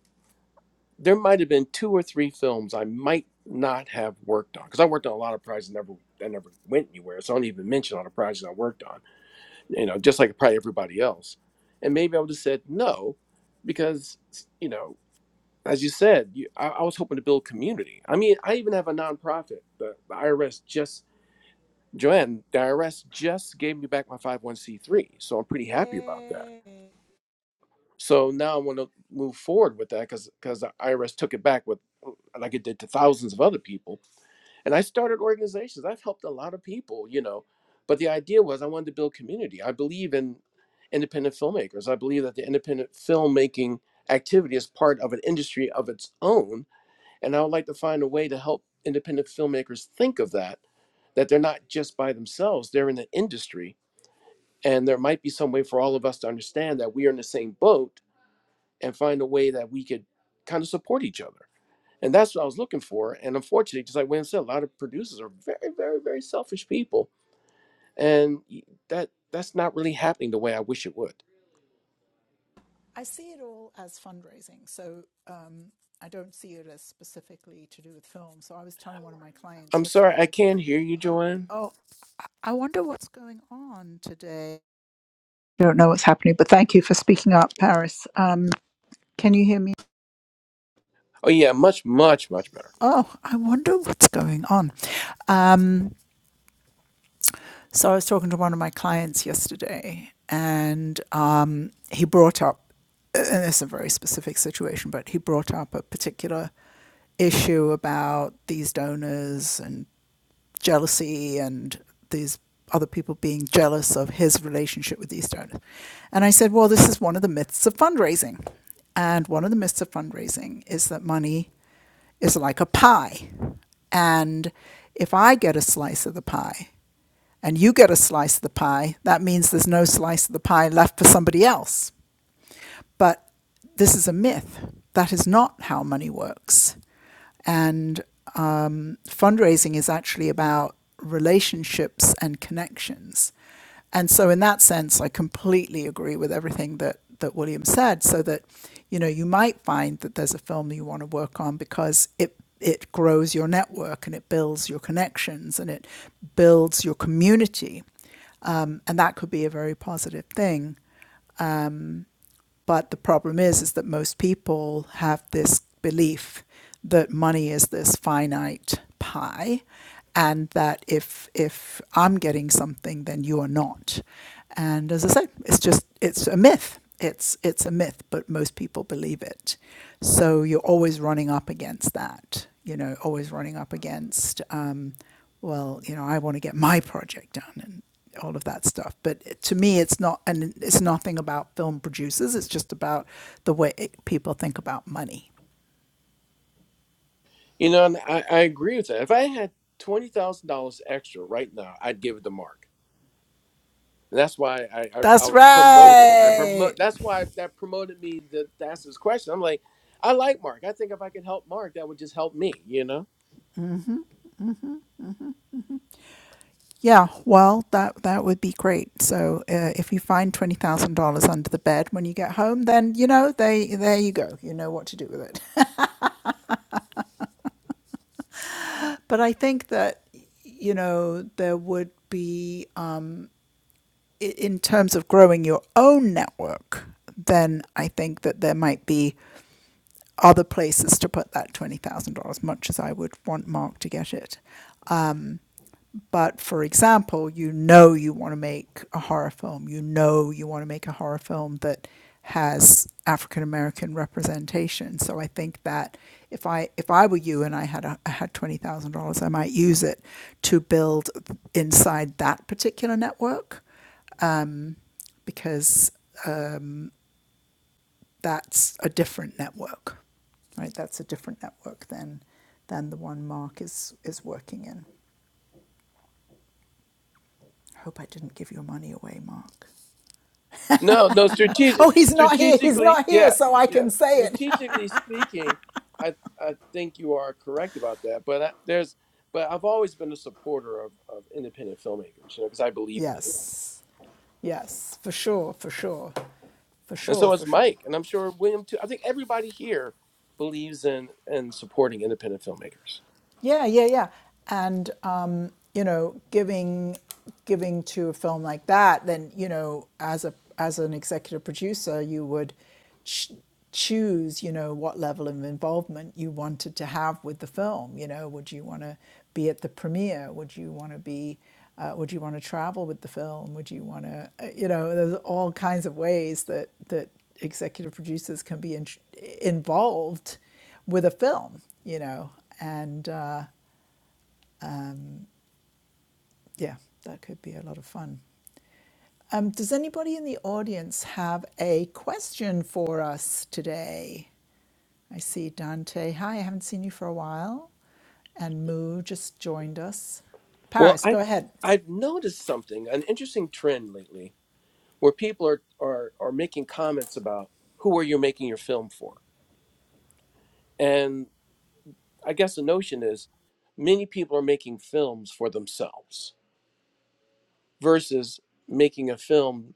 D: there might have been two or three films I might not have worked on because I worked on a lot of projects that never that never went anywhere. So I don't even mention all the projects I worked on, you know, just like probably everybody else. And maybe I would have said no because you know, as you said, you, I, I was hoping to build community. I mean, I even have a nonprofit. The, the IRS just Joanne, the IRS just gave me back my 501c3, so I'm pretty happy about that
A: Yay!
D: so now I want to move forward with that because because the IRS took it back with uh, like it did to thousands of other people. And I started organizations. I've helped a lot of people, you know. But the idea was I wanted to build community. I believe in independent filmmakers. I believe that the independent filmmaking activity is part of an industry of its own. And I would like to find a way to help independent filmmakers think of that, that they're not just by themselves, they're in the industry. And there might be some way for all of us to understand that we are in the same boat and find a way that we could kind of support each other. And that's what I was looking for. And unfortunately, just like Wayne said, a lot of producers are very, very, very selfish people, and that that's not really happening the way I wish it would.
A: I see it all as fundraising, so um, I don't see it as specifically to do with film. So I was telling one of my clients
D: I'm sorry,
A: yesterday
D: I can't hear you, Joanne.
A: Oh, I I wonder what's going on today. Don't know what's happening, but thank you for speaking up, Paris. Um, can you hear me?
D: Oh yeah, much, much, much better.
A: Oh, I wonder what's going on. Um, so I was talking to one of my clients yesterday, and uh, he brought up, and it's a very specific situation, but he brought up a particular issue about these donors jealousy and these other people being jealous of his relationship with these donors. And I said, well, this is one of the myths of fundraising. And one of the myths of fundraising is that money is like a pie. And if I get a slice of the pie and you get a slice of the pie, that means there's no slice of the pie left for somebody else but this is a myth. That is not how money works. And um, fundraising is actually about relationships and connections. And so, in that sense, I completely agree with everything that, that William said. So that, you know, you might find that there's a film you want to work on because it it grows your network and it builds your connections and it builds your community, um, and that could be a very positive thing. But the problem is, is that most people have this belief that money is this finite pie, and that if if I'm getting something, then you are not. And as I said, it's just it's a myth. It's it's a myth, but most people believe it. So you're always running up against that. You know, always running up against. Um, well, you know, I want to get my project done and all of that stuff. But to me, it's not, and it's nothing about film producers. It's just about the way it, people think about money.
D: You know, and I, I agree with that. If I had twenty thousand dollars extra right now, I'd give it to Mark. That's why I I, I
A: That's
D: was promoted. I
A: right.
D: promote. That's why that promoted me to, to ask this question. I'm like, I like Mark. I think if I could help Mark, that would just help me. You know?
A: Yeah. Well, that that would be great. So uh, if you find twenty thousand dollars under the bed when you get home, then you know they there you go. You know what to do with it. But I think that you know there would be in terms of growing your own network, then I think that there might be other places to put that $20,000, much as I would want Mark to get it. But for example, you know you want to make a horror film, you know you want to make a horror film that has African American representation. So I think that if I if I were you and I had a, I had twenty thousand dollars, I might use it to build inside that particular network because that's a different network, right? That's a different network than than the one Mark is is working in. I hope I didn't give your money away, Mark.
D: No, no. Strategic,
A: Oh, he's not here. He's
D: strategically,
A: not here,
D: yeah,
A: so I
D: yeah.
A: can say it.
D: Strategically speaking, I I think you are correct about that. But I, there's, but I've always been a supporter of, of independent filmmakers. You know, because I believe in it,
A: yes, yes, for sure, for sure, for
D: and
A: sure,
D: so is
A: for sure.
D: Mike, and I'm sure William too. I think everybody here believes in in supporting independent filmmakers.
A: Yeah, yeah, yeah. And um, you know, giving giving to a film like that, then you know, as a as an executive producer, you would ch- choose, you know, what level of involvement you wanted to have with the film. You know, would you want to be at the premiere? Would you want to be uh, would you want to travel with the film? Would you want to, you know, there's all kinds of ways that that executive producers can be in, involved with a film, you know, and uh, um, yeah, that could be a lot of fun. Um, does anybody in the audience have a question for us today? I see Dante. Hi, I haven't seen you for a while. And Moo just joined us.
D: Well,
A: Paris, go
D: I've
A: ahead.
D: I've noticed something, an interesting trend lately, where people are are are making comments about who are you making your film for, and I guess the notion is many people are making films for themselves versus making a film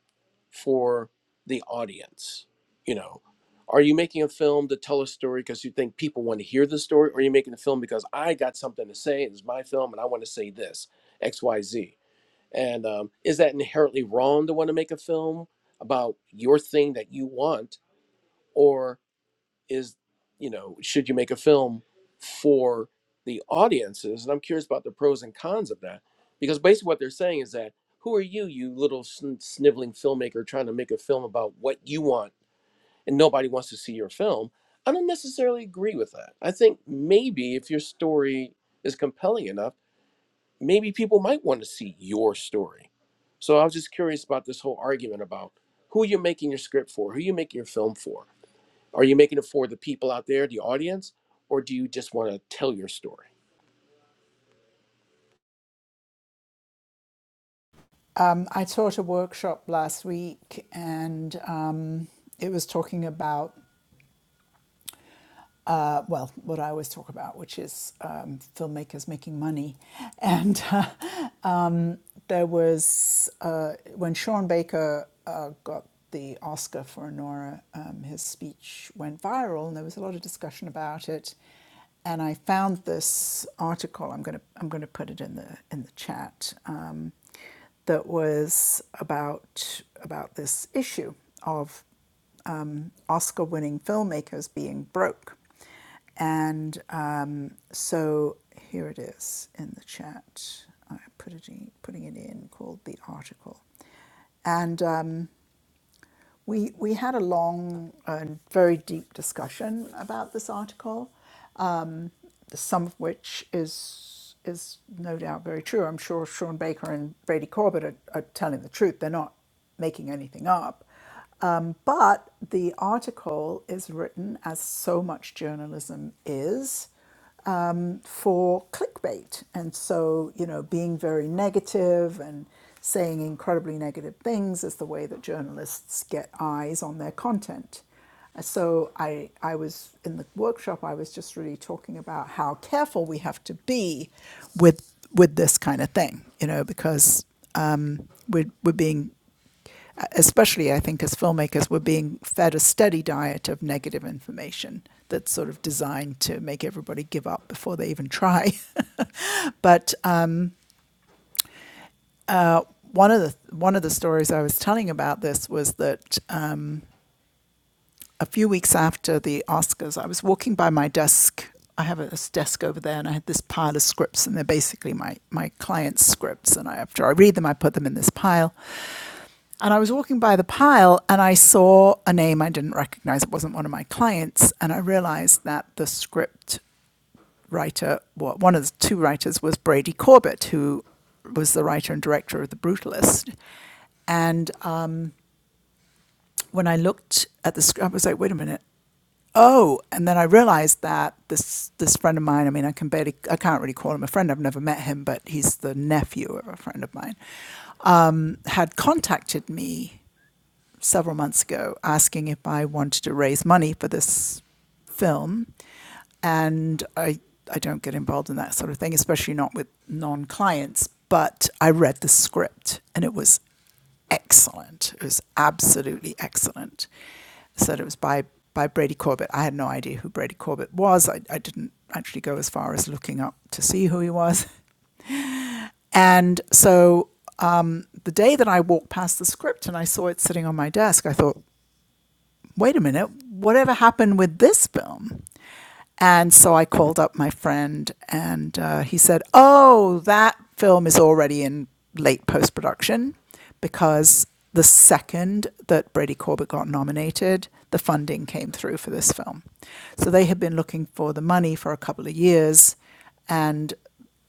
D: for the audience. You know, are you making a film to tell a story because you think people want to hear the story, or are you making a film because I got something to say? It's my film, and I want to say this X Y Z And um, is that inherently wrong to want to make a film about your thing that you want, or is you know should you make a film for the audiences? And I'm curious about the pros and cons of that because basically what they're saying is that who are you, you little sn- sniveling filmmaker trying to make a film about what you want, and nobody wants to see your film. I don't necessarily agree with that. I think maybe if your story is compelling enough maybe people might want to see your story. So I was just curious about this whole argument about who you're making your script for, who you make your film for. Are you making it for the people out there, the audience, or do you just want to tell your story?
A: Um, I taught a workshop last week and um, it was talking about, uh, well, what I always talk about, which is um, filmmakers making money. And uh, there was uh, when Sean Baker uh, got the Oscar for Nora, um, his speech went viral, and there was a lot of discussion about it. And I found this article. I'm gonna I'm gonna put it in the in the chat. Um, that was about about this issue of um, Oscar-winning filmmakers being broke. And um, so here it is in the chat. I put it in, putting it in called the article. And um, we, we had a long and very deep discussion about this article, some of which is, is no doubt very true. I'm sure Sean Baker and Brady Corbett are, are telling the truth. They're not making anything up. Um, but the article is written as so much journalism is um, for clickbait. And so, you know, being very negative and saying incredibly negative things is the way that journalists get eyes on their content. Uh, So I, I was in the workshop, I was just really talking about how careful we have to be with with this kind of thing, you know, because um, we're, we're being especially I think as filmmakers, we're being fed a steady diet of negative information that's sort of designed to make everybody give up before they even try. but uh, one of the one of the stories I was telling about this was that uh, a few weeks after the Oscars, I was walking by my desk. I have a desk over there, and I had this pile of scripts, and they're basically my my clients' scripts. And I, after I read them, I put them in this pile. And I was walking by the pile and I saw a name I didn't recognize. It wasn't one of my clients. And I realized that the script writer, well, one of the two writers was Brady Corbett, who was the writer and director of The Brutalist. And uh, when I looked at the script, I was like, wait a minute. Oh, and then I realized that this this friend of mine, I mean, I can barely, I can't really call him a friend. I've never met him, but he's the nephew of a friend of mine, um, had contacted me several months ago asking if I wanted to raise money for this film, and I I don't get involved in that sort of thing, especially not with non-clients. But I read the script, and it was excellent. It was absolutely excellent. I said it was by by Brady Corbett. I had no idea who Brady Corbett was. I, I didn't actually go as far as looking up to see who he was. And so um, the day that I walked past the script and I saw it sitting on my desk, I thought, wait a minute, whatever happened with this film? And so I called up my friend, and uh, he said, Oh, that film is already in late post production because the second that Brady Corbett got nominated, the funding came through for this film. So they had been looking for the money for a couple of years, and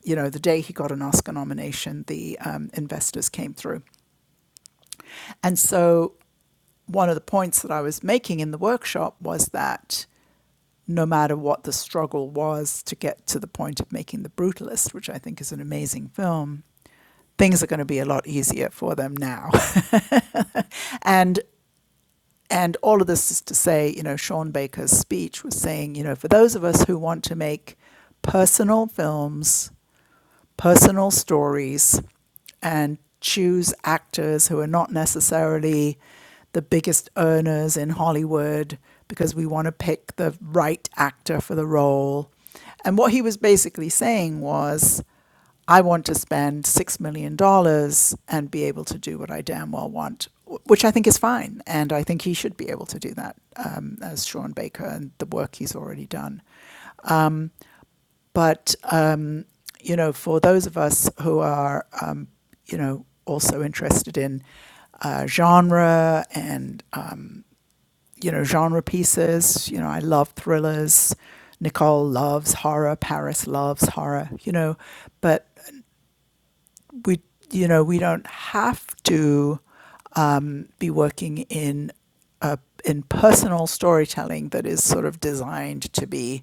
A: you know, the day he got an Oscar nomination, the um, investors came through. And so, one of the points that I was making in the workshop was that no matter what the struggle was to get to the point of making The Brutalist, which I think is an amazing film, things are going to be a lot easier for them now. and and all of this is to say, you know, Sean Baker's speech was saying, you know, for those of us who want to make personal films personal stories and choose actors who are not necessarily the biggest earners in Hollywood because we want to pick the right actor for the role. And what he was basically saying was, I want to spend $6 million dollars and be able to do what I damn well want, which I think is fine. And I think he should be able to do that um, as Sean Baker and the work he's already done. But, um, you know, for those of us who are, um, you know, also interested in uh, genre and, um, you know, genre pieces, you know, I love thrillers. Nicole loves horror. Paris loves horror, you know, but we, you know, we don't have to um, be working in uh, in personal storytelling that is sort of designed to be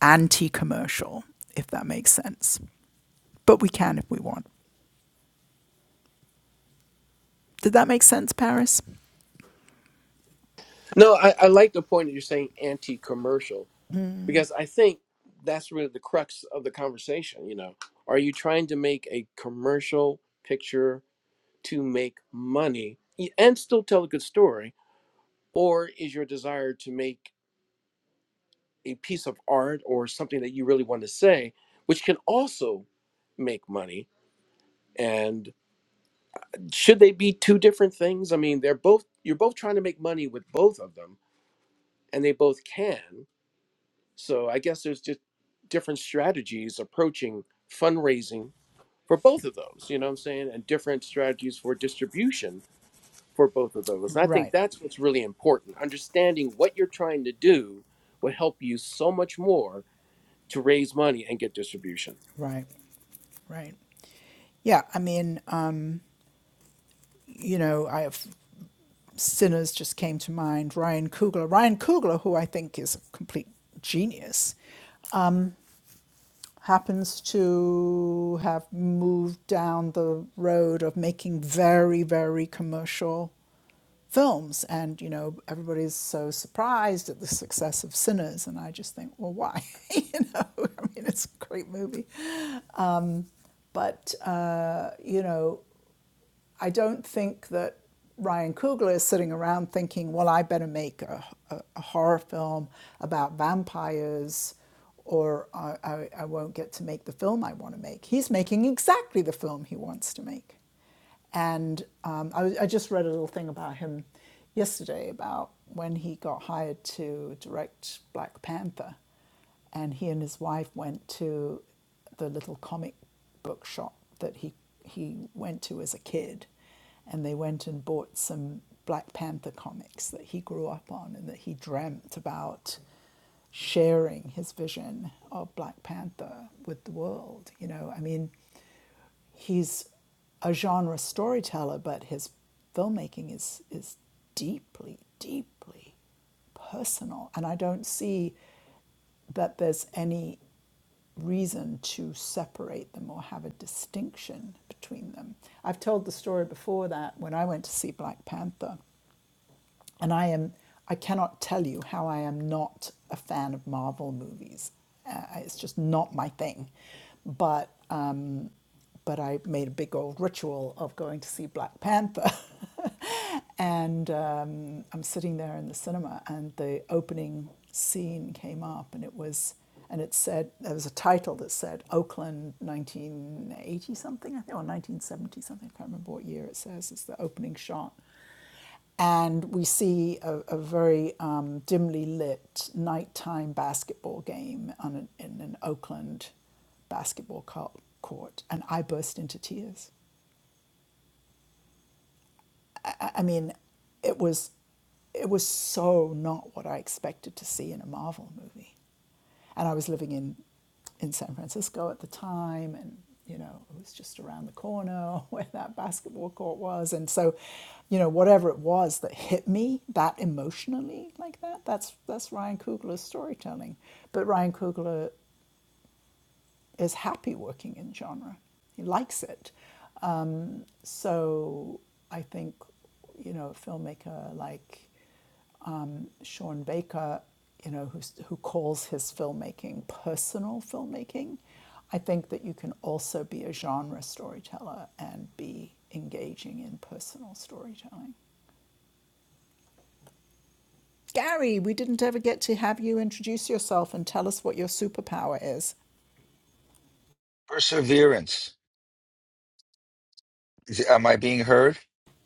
A: anti-commercial, if that makes sense. but we can if we want. Did that make sense, Paris?
D: No, I, I like the point that you're saying anti-commercial because I think that's really the crux of the conversation. You know, are you trying to make a commercial picture to make money and still tell a good story, or is your desire to make a piece of art or something that you really want to say, which can also make money. And should they be two different things? I mean, they're both you're both trying to make money with both of them, and they both can. So I guess there's just different strategies approaching fundraising for both of those, you know what I'm saying? And different strategies for distribution for both of those. And I think
A: Right,
D: that's what's really important. Understanding what you're trying to do will help you so much more to raise money and get distribution.
A: right, right. Yeah, I mean, um, you know, I have sinners just came to mind. Ryan Coogler, Ryan Coogler, who I think is a complete genius, happens to have moved down the road of making very, very commercial films, and you know, everybody's so surprised at the success of Sinners, and I just think, well, why? you know, I mean, it's a great movie, But, uh, you know, I don't think that Ryan Coogler is sitting around thinking, well, I better make a, a, a horror film about vampires or I, I, I won't get to make the film I want to make. He's making exactly the film he wants to make. And um, I, I just read a little thing about him yesterday about when he got hired to direct Black Panther and he and his wife went to the little comic book shop that he he went to as a kid and they went and bought some Black Panther comics that he grew up on and that he dreamt about sharing his vision of Black Panther with the world you know i mean he's a genre storyteller but his filmmaking is is deeply deeply personal and i don't see that there's any reason to separate them or have a distinction between them. I've told the story before that when I went to see Black Panther, and I am I cannot tell you how I am not a fan of Marvel movies. Uh, it's just not my thing. But um, but I made a big old ritual of going to see Black Panther. and um, I'm sitting there in the cinema, and the opening scene came up, and it was, and it said, there was a title that said Oakland 1980 something, I think, or 1970 something, I can't remember what year it says, it's the opening shot and we see a, a very um, dimly lit nighttime basketball game on an, in an Oakland basketball court, and I burst into tears. I, I mean, it was it was so not what I expected to see in a Marvel movie, and I was living in in San Francisco at the time, and you know it was just around the corner where that basketball court was, and so you know whatever it was that hit me that emotionally like that that's that's Ryan Coogler's storytelling, but Ryan Coogler is happy working in genre. He likes it. Um, so I think, you know, a filmmaker like um, Sean Baker, you know, who's, who calls his filmmaking personal filmmaking, I think that you can also be a genre storyteller and be engaging in personal storytelling. Gary, we didn't ever get to have you introduce yourself and tell us what your superpower is.
G: Perseverance. Is- Am I being heard?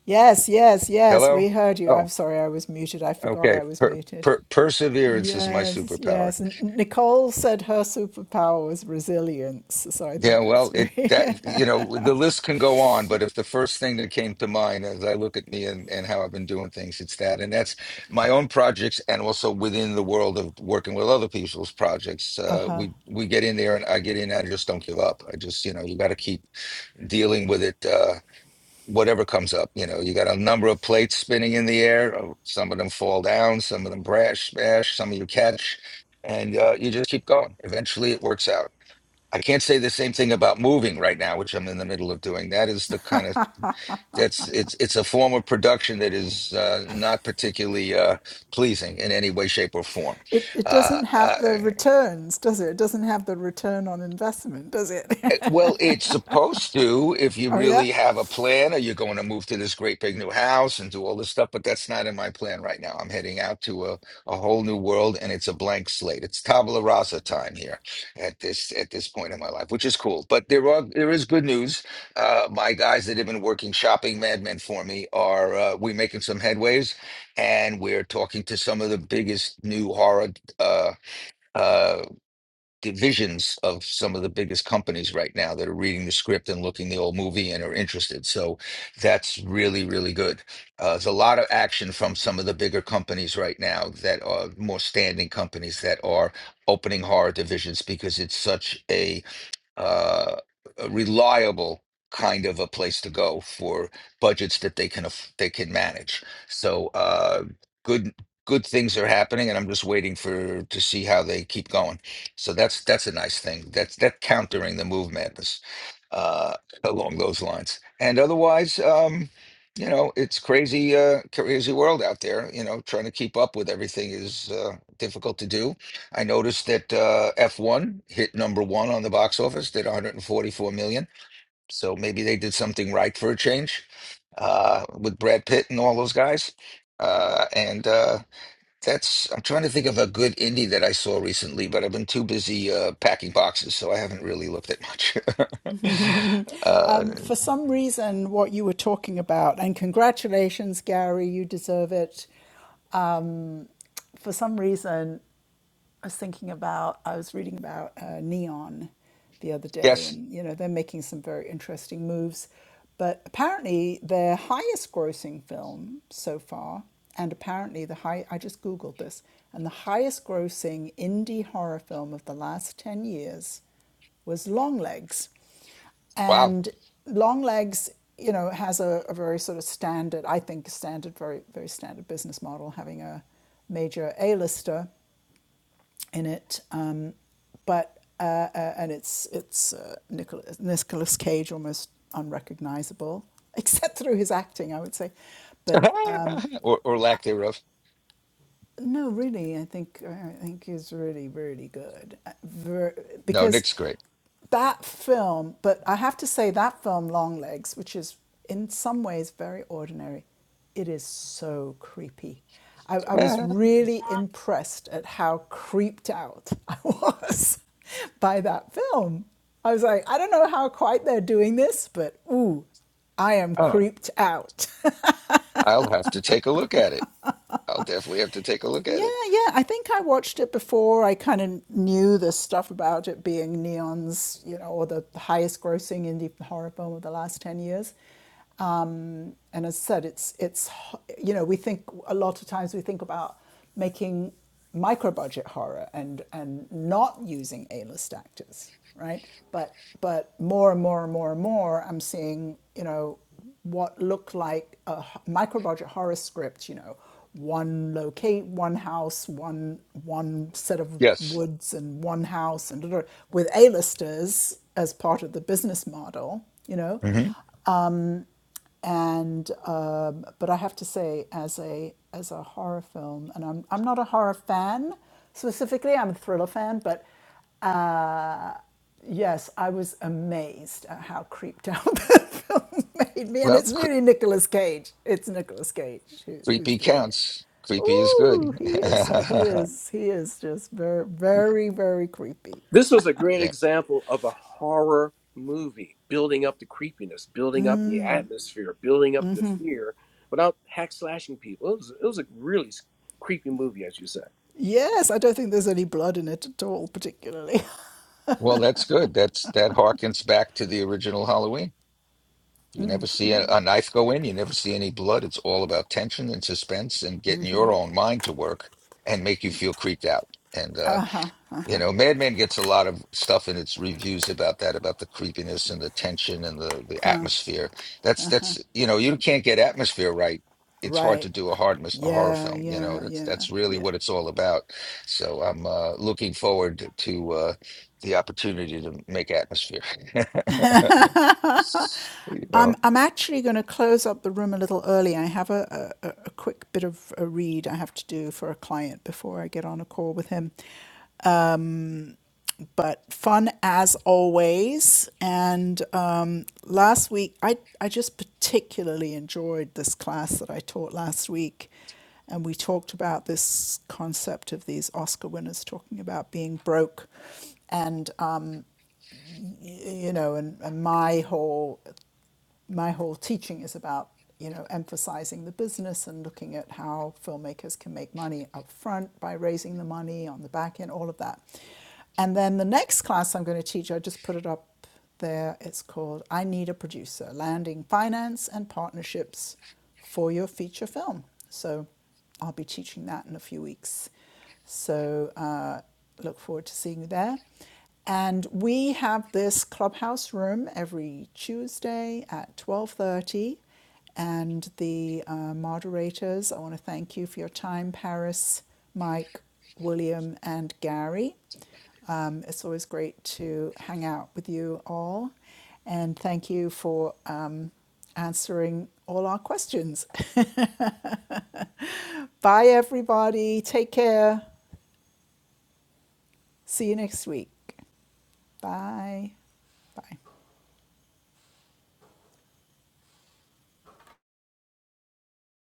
A: Yes, yes, yes,
G: Hello?
A: we heard you. I'm
G: Oh,
A: sorry, I was muted. I forgot
G: okay.
A: I was
G: Per,
A: muted.
G: per, perseverance is my
A: Yes,
G: superpower.
A: yes. And Nicole said her superpower was resilience. So I
G: Yeah,
A: think that's
G: well, it
A: very.
G: that you know the list can go on, but if the first thing that came to mind as I look at me and, and how I've been doing things, it's that, and that's my own projects, and also within the world of working with other people's projects. Uh, we we get in there, and I get in. I just don't give up. I just you know you got to keep dealing with it. Uh, whatever comes up. You know, you got a number of plates spinning in the air. uh, Some of them fall down, some of them brash, smash, some of you catch, and uh, you just keep going. Eventually, it works out. I can't say the same thing about moving right now, which I'm in the middle of doing. That is the kind of that's it's it's a form of production that is uh, not particularly uh, pleasing in any way, shape, or form.
A: it, it
G: Uh,
A: doesn't have
G: uh,
A: the returns, does it? It doesn't have the return on investment, does it?
G: Eh, Well, it's supposed to if you
A: oh, yeah?
G: really have a plan or you're going to move to this great big new house and do all this stuff, but that's not in my plan right now. I'm heading out to a, a whole new world and it's a blank slate. It's tabula rasa time here at this at this point in my life, which is cool. But there are there is good news. Uh, my guys that have been working shopping madmen for me are uh, we're making some headways and we're talking to some of the biggest new horror uh uh, divisions of some of the biggest companies right now that are reading the script and looking the old movie and are interested. So that's really, really good. Uh, there's a lot of action from some of the bigger companies right now that are more standing companies that are opening horror divisions because it's such a uh, a reliable kind of a place to go for budgets that they can aff- they can manage. So uh, good good things are happening, and I'm just waiting for to see how they keep going. So that's that's a nice thing. That's that countering the move madness uh, along those lines. And otherwise, um, you know, it's crazy uh, crazy world out there. You know, trying to keep up with everything is uh, difficult to do, I noticed that uh, F1 hit number one on the box office, did 144 million. So maybe they did something right for a change uh, with Brad Pitt and all those guys. Uh, and uh, that's, I'm trying to think of a good indie that I saw recently, but I've been too busy uh, packing boxes, so I haven't really looked at much. uh,
A: Um, for some reason, what you were talking about, and congratulations, Gary, you deserve it Um, for some reason I was thinking about, I was reading about uh, Neon the other day,
G: yes,
A: and you know, they're making some very interesting moves. But apparently, their highest grossing film so far, and apparently, the high, I just Googled this, and the highest grossing indie horror film of the last 10 years was Longlegs.
G: wow.
A: And Longlegs, you know, has a, a very sort of standard, I think, standard, very, very standard business model, having a major A-lister in it. Um, but uh, uh, and it's it's uh, Nicholas Nicolas Cage almost unrecognizable except through his acting, I would say. But
G: or, or lack thereof.
A: no, really, I think I think is really really good Uh, ver-
G: No,
A: because
G: Nick's great.
A: that film. But I have to say that film, Long Legs, which is in some ways very ordinary, it is so creepy. I, I was
G: Yeah.
A: really impressed at how creeped out I was by that film. I was like, I don't know how quite they're doing this, but ooh, I am
G: Oh,
A: creeped out.
G: I'll have to take a look at it. I'll definitely have to take a look at
A: Yeah,
G: it.
A: yeah. I think I watched it before. I kind of knew the stuff about it being Neon's, you know, or the highest grossing indie horror film of the last 10 years. Um, and as I said, it's, it's, ho- you know, we think a lot of times we think about making micro budget horror and, and not using A list actors, right? But, but more and more and more and more, I'm seeing, you know, what looked like a h- micro-budget horror script. You know, one locate, one house, one one set of
G: Yes.
A: woods, and one house, and da- da- with A-listers as part of the business model. You know,
G: hmm
A: Um, and um, but I have to say, as a as a horror film, and I'm I'm not a horror fan specifically. I'm a thriller fan, but uh, yes, I was amazed at how creeped out the film made me, and
G: Well,
A: it's
G: cre
A: really Nicolas Cage. It's Nicolas Cage who, who's
G: creepy
A: doing it.
G: counts. Creepy is
A: Ooh,
G: good.
A: he is he is he is just very very very creepy.
D: This was a great
G: Yeah.
D: example of a horror movie, building up the creepiness, building up the atmosphere, building up the fear without hack slashing people. It was it was a really s- creepy movie, as you said.
A: Yes, I don't think there's any blood in it at all, particularly.
G: Well, that's good. That's that harkens back to the original Halloween. You never see a, a knife go in, you never see any blood. It's all about tension and suspense and getting your own mind to work and make you feel creeped out. And uh, you know, Mad Men gets a lot of stuff in its reviews about that, about the creepiness and the tension and the the atmosphere. That's that's you know, you can't get atmosphere right. It's hard
A: Right.
G: to do a hard mis- a horror
A: Yeah,
G: film, you know.
A: yeah,
G: That's
A: yeah,
G: that's really
A: yeah.
G: what it's all about. So I'm uh, looking forward to uh, the opportunity to make atmosphere. you know,
A: I'm, I'm actually going to close up the room a little early. I have a, a, a quick bit of a read I have to do for a client before I get on a call with him. But fun as always. And um, last week, I, I just particularly enjoyed this class that I taught last week. And we talked about this concept of these Oscar winners talking about being broke. and. um, you know, and, and my whole my whole teaching is about you know emphasizing the business and looking at how filmmakers can make money up front by raising the money on the back end, all of that. And then the next class I'm going to teach, I just put it up there. It's called "I Need a Producer: Landing Finance and Partnerships for Your Feature Film." So I'll be teaching that in a few weeks. So uh, look forward to seeing you there. And we have this clubhouse room every Tuesday at 12:30. And the uh, moderators, I want to thank you for your time, Paris, Mike, William, and Gary. Um, it's always great to hang out with you all. And thank you for um, answering all our questions. Bye, everybody. Take care. See you next week. Bye. Bye.